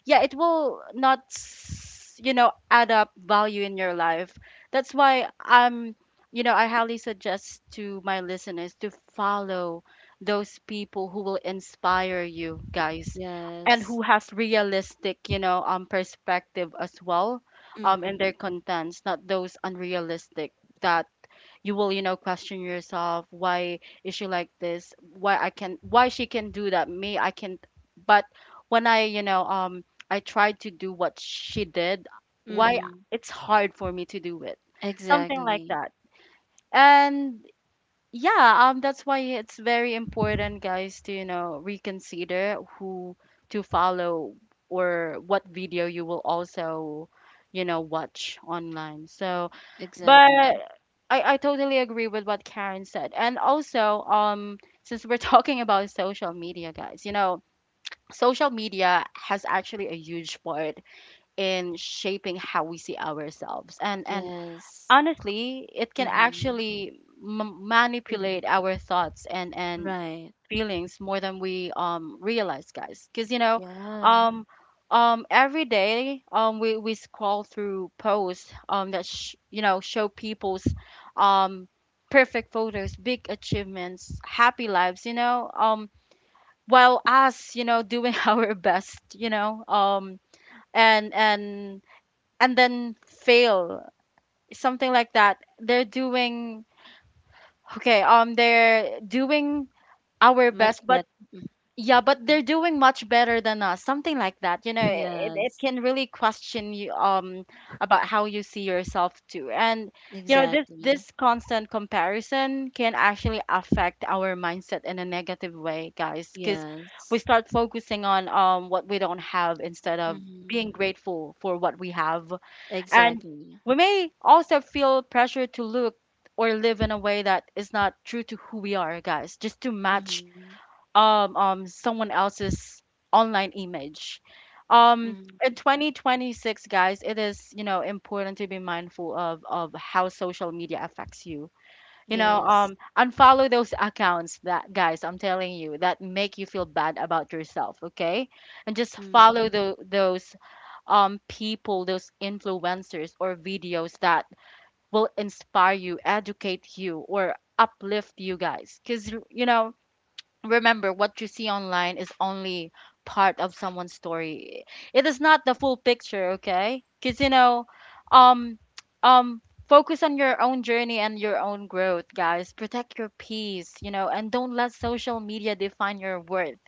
yeah, it will not s- you know, add up value in your life. That's why I'm, you know, I highly suggest to my listeners to follow those people who will inspire you, guys, and who
Yes.
has realistic, you know, um perspective as well, um in their
Mm-hmm.
contents, not those unrealistic that you will, you know, question yourself, why is she like this, why I can, why she can do that, me I can't. But when I, you know um I tried to do what she did, why
Mm-hmm.
it's hard for me to do it, something like
Exactly.
that. And yeah, um that's why it's very important, guys, to, you know, reconsider who to follow or what video you will also, you know, watch online. So but
Exactly.
I, I totally agree with what Karen said. And also, um, since we're talking about social media, guys, you know, social media has actually a huge part in shaping how we see ourselves. And and
Yes.
honestly, it can
Mm-hmm.
actually m- manipulate
Mm-hmm.
our thoughts and and
Right.
feelings more than we um realize, guys. Because you know,
Yeah.
um, um, every day um we we scroll through posts um that sh- you know, show people's um perfect photos, big achievements, happy lives. You know, um, while us, you know, doing our best. You know, um, and and and then fail something like that. They're doing okay. Um, they're doing our
Much
best, but.
better.
Yeah, but they're doing much better than us. Something like that. You know, it, it
Yes.
can really question you um about how you see yourself too. And you know, this
Exactly.
this constant comparison can actually affect our mindset in a negative way, guys, because we
Yes.
start focusing on um what we don't have instead of being
Mm-hmm.
grateful for what we have. And
Exactly.
we may also feel pressure to look or live in a way that is not true to who we are, guys, just to match
Mm-hmm.
um um someone else's online image um
Mm-hmm.
in twenty twenty-six, guys. It is, you know, important to be mindful of of how social media affects you. You know,
Yes.
um unfollow those accounts that, guys, I'm telling you, that make you feel bad about yourself, okay? And just
Mm-hmm.
follow the, those um people, those influencers or videos that will inspire you, educate you, or uplift you, guys. Because you know, remember what you see online is only part of someone's story. It is not the full picture, okay? Because you know, um um focus on your own journey and your own growth, guys. Protect your peace, you know, and don't let social media define your worth.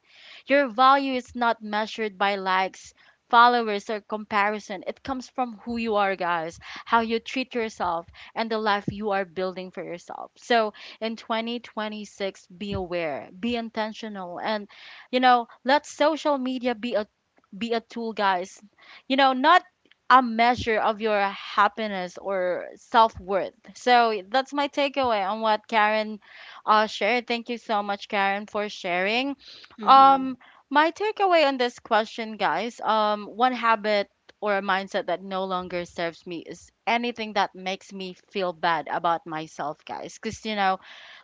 Your value is not measured by likes, followers, or comparison. It comes from who you are, guys, how you treat yourself, and the life you are building for yourself. So in twenty twenty-six, be aware, be intentional, and, you know, let social media be a be a tool, guys. You know, not a measure of your happiness or self worth. So that's my takeaway on what Karen uh, shared. Thank you so much, Karen, for sharing.
Mm-hmm.
Um, my takeaway on this question, guys, um, one habit or a mindset that no longer serves me is anything that makes me feel bad about myself, guys. Because, you know,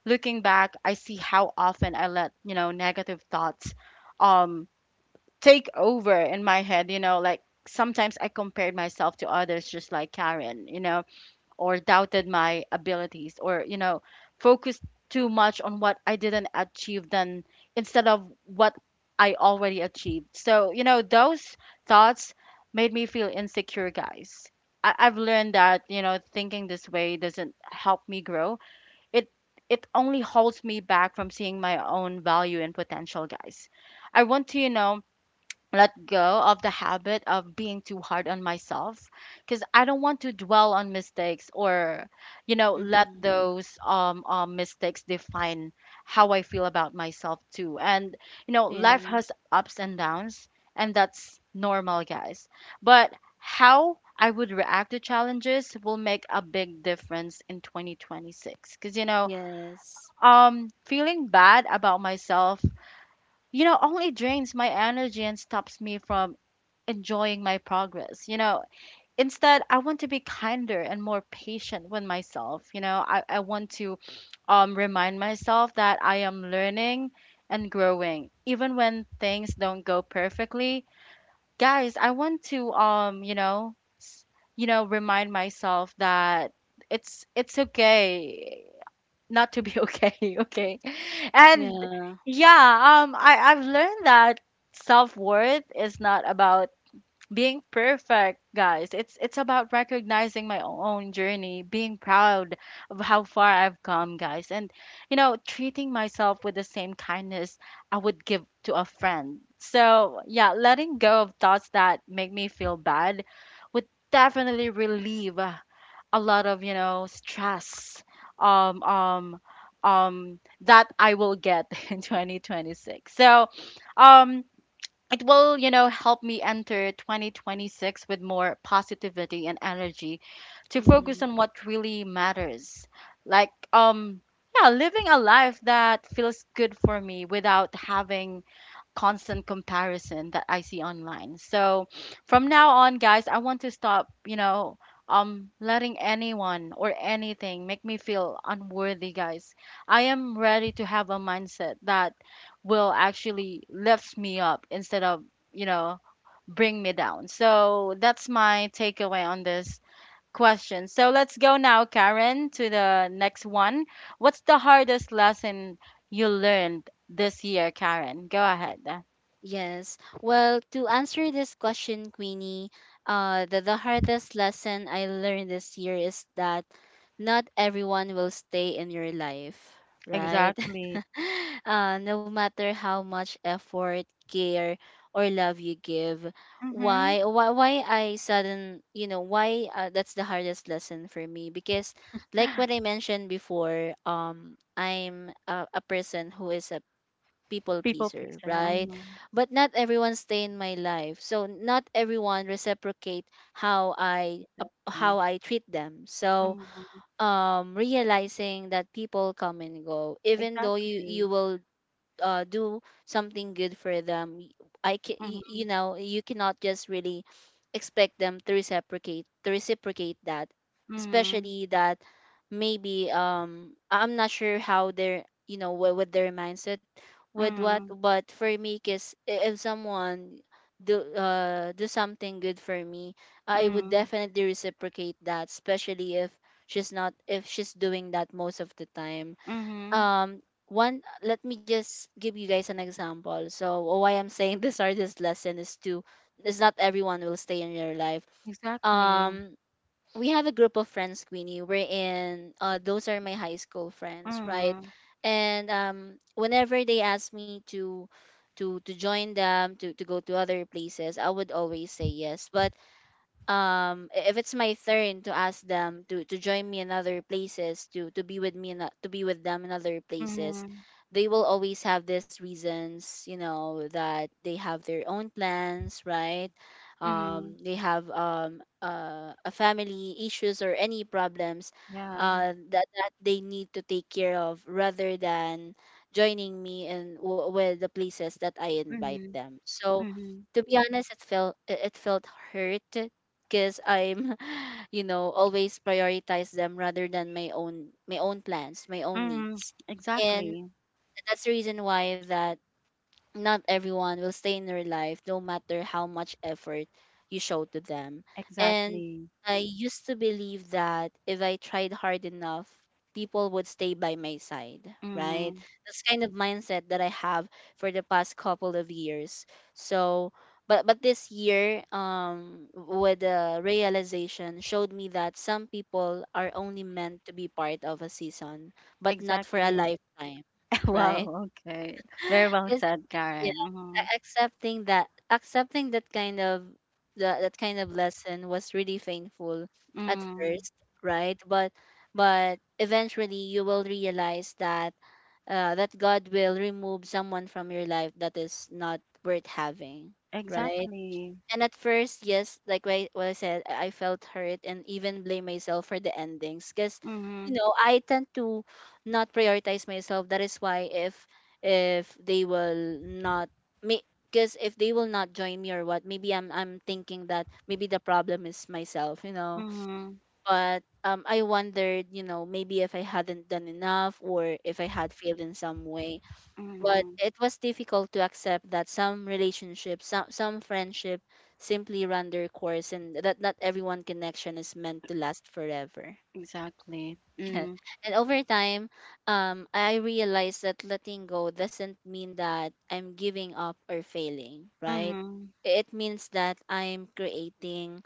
looking back, I see how often I let, you know, negative thoughts um, take over in my head, you know, like sometimes I compared myself to others just like Karen, you know, or doubted my abilities, or you know, focused too much on what I didn't achieve than instead of what I already achieved. So, you know, those thoughts made me feel insecure, guys. I, I've learned that, you know, thinking this way doesn't help me grow. It it only holds me back from seeing my own value and potential, guys. I want to, you know, let go of the habit of being too hard on myself, because I don't want to dwell on mistakes or, you know, let
Mm-hmm.
those um, um mistakes define how I feel about myself too. And you know, life
Yeah.
has ups and downs, and that's normal, guys. But how I would react to challenges will make a big difference in twenty twenty-six, because you know,
Yes.
um, feeling bad about myself, you know, only drains my energy and stops me from enjoying my progress. You know, instead, I want to be kinder and more patient with myself. You know, I, I want to um, remind myself that I am learning and growing, even when things don't go perfectly. Guys, I want to, um, you know, s- you know, remind myself that it's it's okay not to be okay, okay, and
Yeah.
yeah, um, I I've learned that self worth is not about being perfect, guys. It's it's about recognizing my own journey, being proud of how far I've come, guys, and you know, treating myself with the same kindness I would give to a friend. So, yeah, letting go of thoughts that make me feel bad would definitely relieve uh, a lot of, you know, stress um um um that I will get in twenty twenty-six. So, um, it will, you know, help me enter twenty twenty-six with more positivity and energy to focus
Mhm.
on what really matters. Like, um, yeah, living a life that feels good for me without having constant comparison that I see online. So from now on, guys, I want to stop, you know, um letting anyone or anything make me feel unworthy, guys. I am ready to have a mindset that will actually lift me up instead of, you know, bring me down. So that's my takeaway on this question. So let's go now, Karen, to the next one. What's the hardest lesson you learned this year, Karen? Go ahead.
Yes. Well, to answer this question, Queenie, uh, the, the hardest lesson I learned this year is that not everyone will stay in your life, right?
Exactly.
uh, no matter how much effort, care, or love you give.
Mhm.
Why, why, why I sudden, you know, why uh, that's the hardest lesson for me because, like what I mentioned before, um, I'm a, a person who is a people
People
pleaser,
pleaser.
right?
Mhm.
But not everyone stay in my life. So not everyone reciprocate how I ap- how
Exactly.
I treat them. So
Mhm.
um realizing that people come and go even though you
Exactly.
you will uh, do something good for them, y- I can you, you
Mhm.
know you cannot just really expect them to reciprocate to reciprocate that,
Mhm.
especially that maybe um I- i'm not sure how their, you know what, what, their mindset with what.
Mhm.
But for me, because if someone do uh do something good for me, I would
Mhm.
definitely reciprocate that, especially if she's not if she's doing that most of the time.
Mhm.
um One, let me just give you guys an example so why I'm saying this are this lesson is to is not everyone will stay in your life.
Exactly.
um we have a group of friends, Queenie. We're in uh Those are my high school friends, right?
Mhm.
And um whenever they ask me to to to join them to to go to other places, I would always say yes. But um i- if it's my turn to ask them to to join me in other places, to to be with me in, o- to be with them in other places,
Mhm.
they will always have these reasons, you know, that they have their own plans, right?
Mhm.
Um they have um uh, a family issues or any problems,
Yeah.
uh that, that they need to take care of rather than joining me in w- with the places that I invite
Mhm.
them. So,
Mhm.
to be honest, it felt it it felt hurt, because I'm, you know, always prioritize them rather than my own my own plans, my own
Mhm.
needs. And
Exactly.
that's the reason why that not everyone will stay in your life, no matter how much effort you show to them. And
Exactly.
I used to believe that if I tried hard enough, people would stay by my side, right?
Mhm.
That's kind of mindset that I have for the past couple of years. So, but but this year, um with the realization, showed me that some people are only meant to be part of a season but not for a
Exactly.
lifetime, right?
Wow. Okay. Very well said,
Yeah,
Karen. Mhm.
a- accepting that accepting that kind of, that, that kind of lesson was really painful at
Mhm.
first, right? But but eventually you will realize that, uh, that God will remove someone from your life that is not worth having, right?
Exactly.
And at first, yes, like what I, what I said, I I felt hurt and even blame myself for the endings because, you
Mhm.
know, I tend to not prioritize myself. That is why if if they will not me because if they will not join me or what, maybe I'm I'm thinking that maybe the problem is myself, you know.
Mhm.
But um, I wondered, you know, maybe if I hadn't done enough or if I had failed in some way, but
Mhm.
it was difficult to accept that some relationships some, some friendship simply run their course, and that not everyone connection is meant to last forever.
Exactly.
Yeah.
Mm.
And over time, um, I realized that letting go doesn't mean that I'm giving up or failing, right?
Mhm.
It means that I'm creating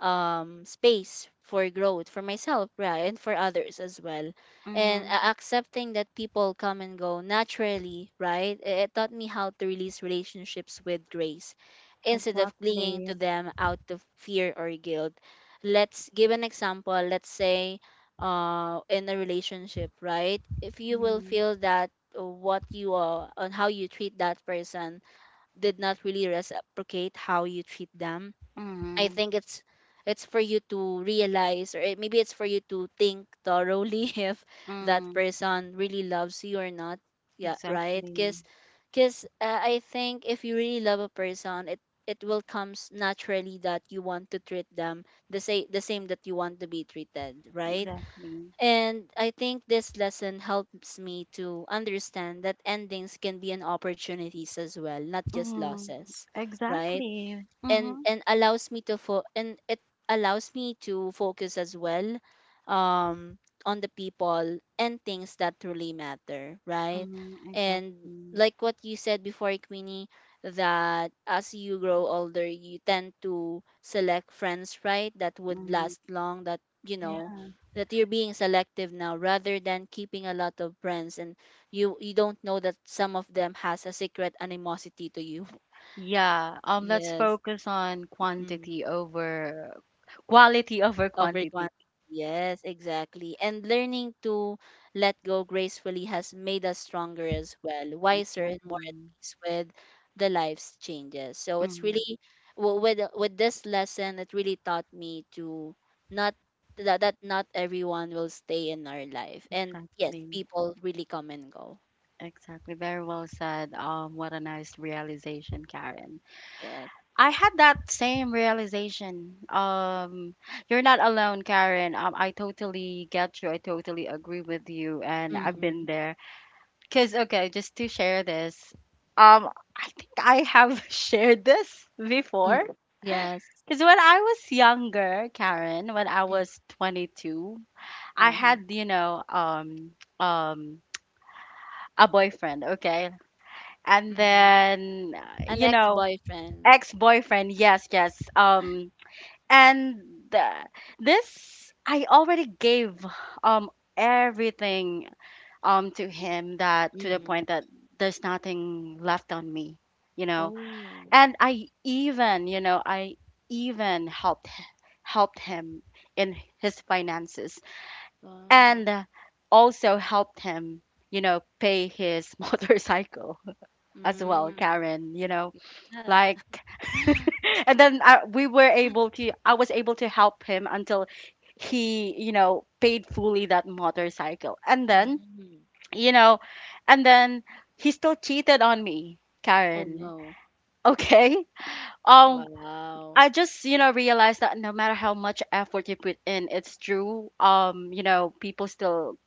um space for growth for myself, right? And for others as well. And a-
Mhm.
accepting that people come and go naturally, right, it it taught me how to release relationships with grace, instead of clinging to
Exactly.
them out of fear or guilt. Let's give an example. Let's say, uh in a relationship, right, if you will
Mm.
feel that, uh, what you are on how you treat that person did not really reciprocate how you treat them, I
Mhm.
think it's it's for you to realize, or it, maybe it's for you to think thoroughly if that
Mhm.
person really loves you or not. Yeah, right?
Exactly.
Cuz cuz uh, I think if you really love a person, it it will comes naturally that you want to treat them the same the same that you want to be treated, right?
Exactly.
And I think this lesson helps me to understand that endings can be an opportunities as well, not just
Mhm.
losses, right?
Exactly.
and
Mhm.
and allows me to fo- and it allows me to focus as well, um on the people and things that truly matter, right?
Mhm.
And
Exactly.
like what you said before, Queenie, that as you grow older you tend to select friends, right, that would
Mhm.
last long, that you know,
Yeah.
that you're being selective now rather than keeping a lot of friends. And you you don't know that some of them has a secret animosity to you.
Yeah. Um. Let's
Yes.
focus on
Mm-hmm.
quantity over quality over
Over quantity.
quantity.
Yes, exactly. And learning to let go gracefully has made us stronger as well, wiser and more at
Exactly.
peace with the life's changes. So it's
Mhm.
really, w- with with this lesson, it really taught me to not, that that not everyone will stay in our life, and yes,
Exactly.
people really come and go.
Exactly. Very well said. Um. What a nice realization, Karen.
Yes.
I had that same realization. Um, you're not alone, Karen. Um, I totally get you. I totally agree with you, and I've
Mm-hmm.
been there. Cause okay, just to share this, um, I think I have shared this before.
Mm. Yes.
Cause when I was younger, Karen, when I
Mm.
was twenty-two, I
Uh-huh.
had you know um um a boyfriend, okay, and
Mm-hmm.
then uh,
An
you know
ex-boyfriend.
ex-boyfriend. Yes, yes. Um and uh, this I already gave um everything um to him, that to the
Mm-hmm.
point that there's nothing left on me, you know.
Oh,
And i even you know i even helped helped him in his finances,
wow.
and uh, also helped him, you know, pay his motorcycle as well,
Mm.
Karen, you know,
Yeah.
like and then I, we were able to I was able to help him until he, you know, paid fully that motorcycle, and then,
Mhm.
you know, and then he still cheated on me,
Oh
Karen.
no.
Okay. um
Wow.
I just, you know, realized that no matter how much effort you put in, it's true, um you know, people still,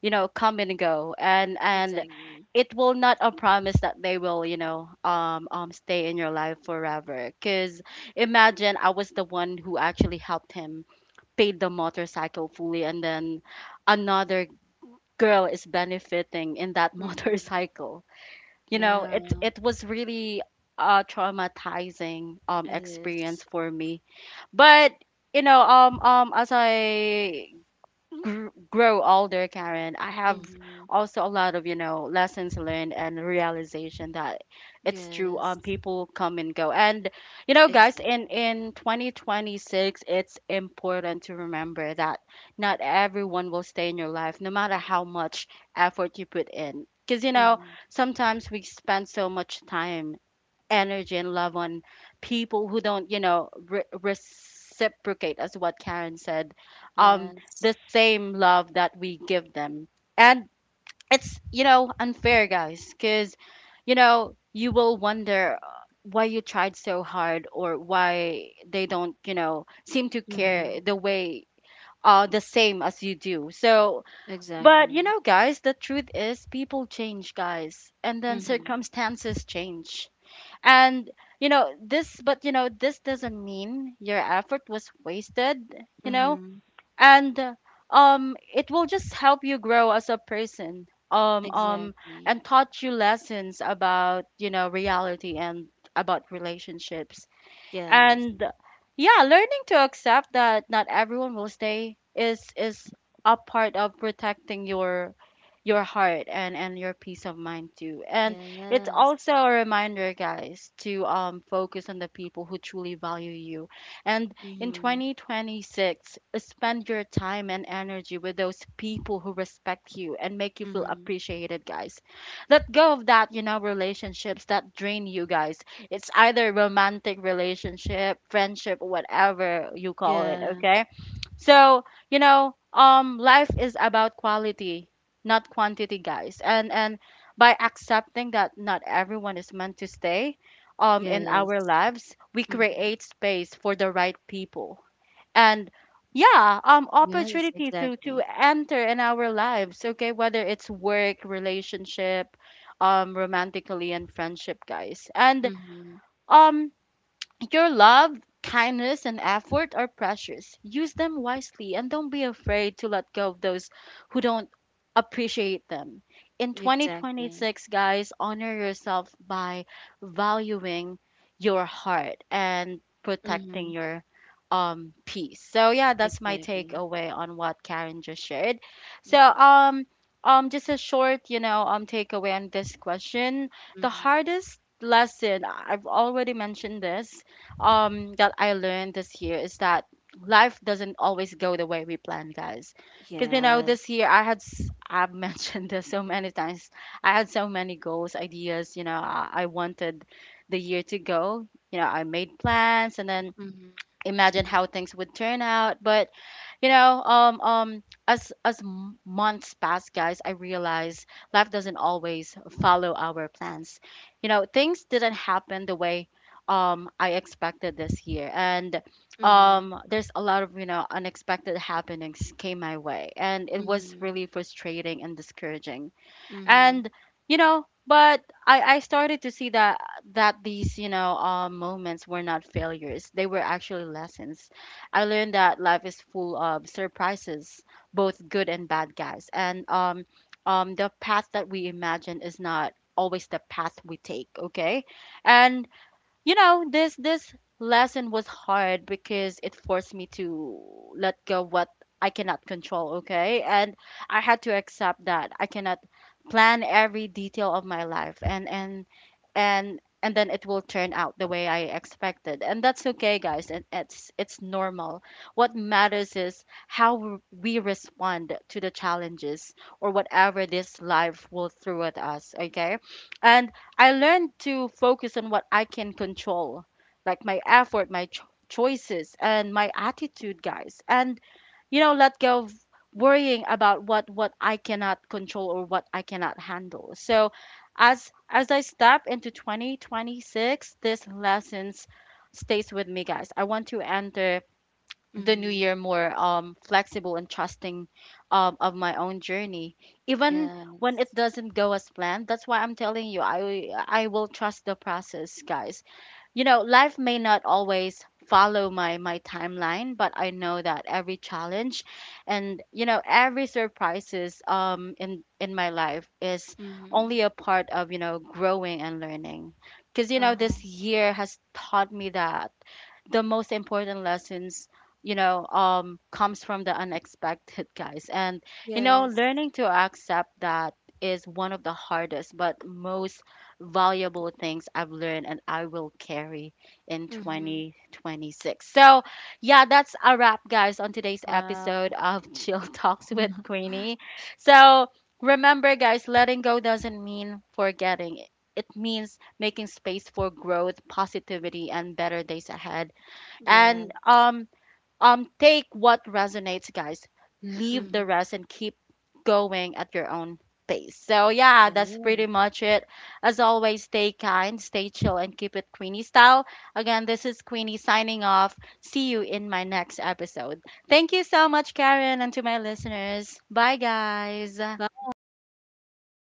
you know, come and go, and and
Exactly.
it will not a promise that they will, you know, um um stay in your life forever, because imagine I was the one who actually helped him, paid the motorcycle fully, and then another girl is benefiting in that
Mm-hmm.
motorcycle. You know,
Yeah,
it it was really a traumatizing um
it is.
experience for me. But, you know, um um as i gr- grow older, Karen, I have
Mm-hmm.
also a lot of, you know, lessons learned and realization that it's true. Um,
Yes.
people come and go. And, you know, guys, in,
Exactly.
in twenty twenty-six, it's important to remember that not everyone will stay in your life, no matter how much effort you put in. Because, you know,
Mm-hmm.
sometimes we spend so much time, energy, and love on people who don't, you know, re- reciprocate, as what Karen said, um,
Yes.
the same love that we give them. And it's, you know, unfair, guys, because, you know, you will wonder uh, why you tried so hard, or why they don't, you know, seem to
Mm-hmm.
care the way, uh, the same as you do. So, but
Exactly.
you know, guys, the truth is people change, guys, and then
Mm-hmm.
circumstances change, and you know, this but you know, this doesn't mean your effort was wasted, you know?
Mm-hmm.
And uh, um it will just help you grow as a person. Um um
Exactly.
and taught you lessons about, you know, reality and about relationships.
Yes.
And yeah, learning to accept that not everyone will stay is is a part of protecting your your heart, and and your peace of mind too. And it's
Yes.
also a reminder, guys, to um focus on the people who truly value you. And in
Mm-hmm.
twenty twenty-six, spend your time and energy with those people who respect you and make you feel
Mm-hmm.
appreciated, guys. Let go of that, you know, relationships that drain you, guys. It's either romantic relationship, friendship, whatever you call it,
Yeah.
okay? So, you know, um life is about quality, not quantity, guys. And and by accepting that not everyone is meant to stay um in
Yes.
our lives, we
Mm-hmm.
create space for the right people. And yeah, um
Yes,
opportunity to
exactly.
to enter in our lives, okay? Whether it's work, relationship, um romantically, and friendship, guys. And
Mm-hmm.
um your love, kindness, and effort are precious. Use them wisely, and don't be afraid to let go of those who don't appreciate them. In
Exactly.
twenty twenty-six, guys, honor yourself by valuing your heart and
Mm-hmm.
protecting your um peace. So yeah, that's my
Exactly.
takeaway on what Karen just shared. So
Mm-hmm.
um um just a short, you know, um takeaway on this question. The
Hmm.
hardest lesson, I've already mentioned this, um that I learned this year is that life doesn't always go the way we plan, guys. Because you know,
Yes.
this year I had s- I've mentioned this so many times. I had so many goals, ideas. You know, I, I wanted the year to go. You know, I made plans, and then
Mm-hmm.
imagine how things would turn out. But you know, um um as as m- months pass, guys, I realize life doesn't always follow our plans. You know, things didn't happen the way um I expected this year. And
Mm-hmm.
um there's a lot of, you know, unexpected happenings came my way, and it was
Mm-hmm.
really frustrating and discouraging.
Mm-hmm.
And you know, but I, I started to see that that these, you know, uh, moments were not failures, they were actually lessons. I learned that life is full of surprises, both good and bad, guys. And um, um, the path that we imagine is not always the path we take, okay? And you know, this this lesson was hard, because it forced me to let go what I cannot control, okay. And I had to accept that I cannot plan every detail of my life, and and and and then it will turn out the way I expected. And that's okay, guys. And it's it's normal. What matters is how w- we respond to the challenges or whatever this life will throw at us, okay? And I learned to focus on what I can control, like my effort, my cho- choices, and my attitude, guys. And you know, let go of worrying about what what I cannot control or what I cannot handle. So as as I step into twenty twenty-six, this lessons stays with me, guys. I want to enter the new
Mm-hmm.
year more um flexible and trusting, um, of my own journey, even when
Yes.
it doesn't go as planned. That's why I'm telling you, i i will trust the process, guys. You know, life may not always follow my my timeline, but I know that every challenge, and you know, every surprises um in in my life is
Mm-hmm.
only a part of, you know, growing and learning. Because you know,
Uh-huh.
this year has taught me that the most important lessons, you know, um comes from the unexpected, guys. And you know,
Yes.
learning to accept that is one of the hardest but most valuable things I've learned, and I will carry in
Mm-hmm.
twenty twenty-six. So yeah, that's a wrap, guys, on today's
Wow.
episode of Chill Talks with Queenie. So, remember, guys, letting go doesn't mean forgetting. It means making space for growth, positivity, and better days ahead. And
Yes.
um um take what resonates, guys. Leave
Mm-hmm.
the rest and keep going at your own pace. So yeah, that's
Yeah.
pretty much it. As always, stay kind, stay chill, and keep it Queenie style. Again, this is Queenie signing off. See you in my next episode. Thank you so much, Karen, and to my listeners, bye guys.
Bye.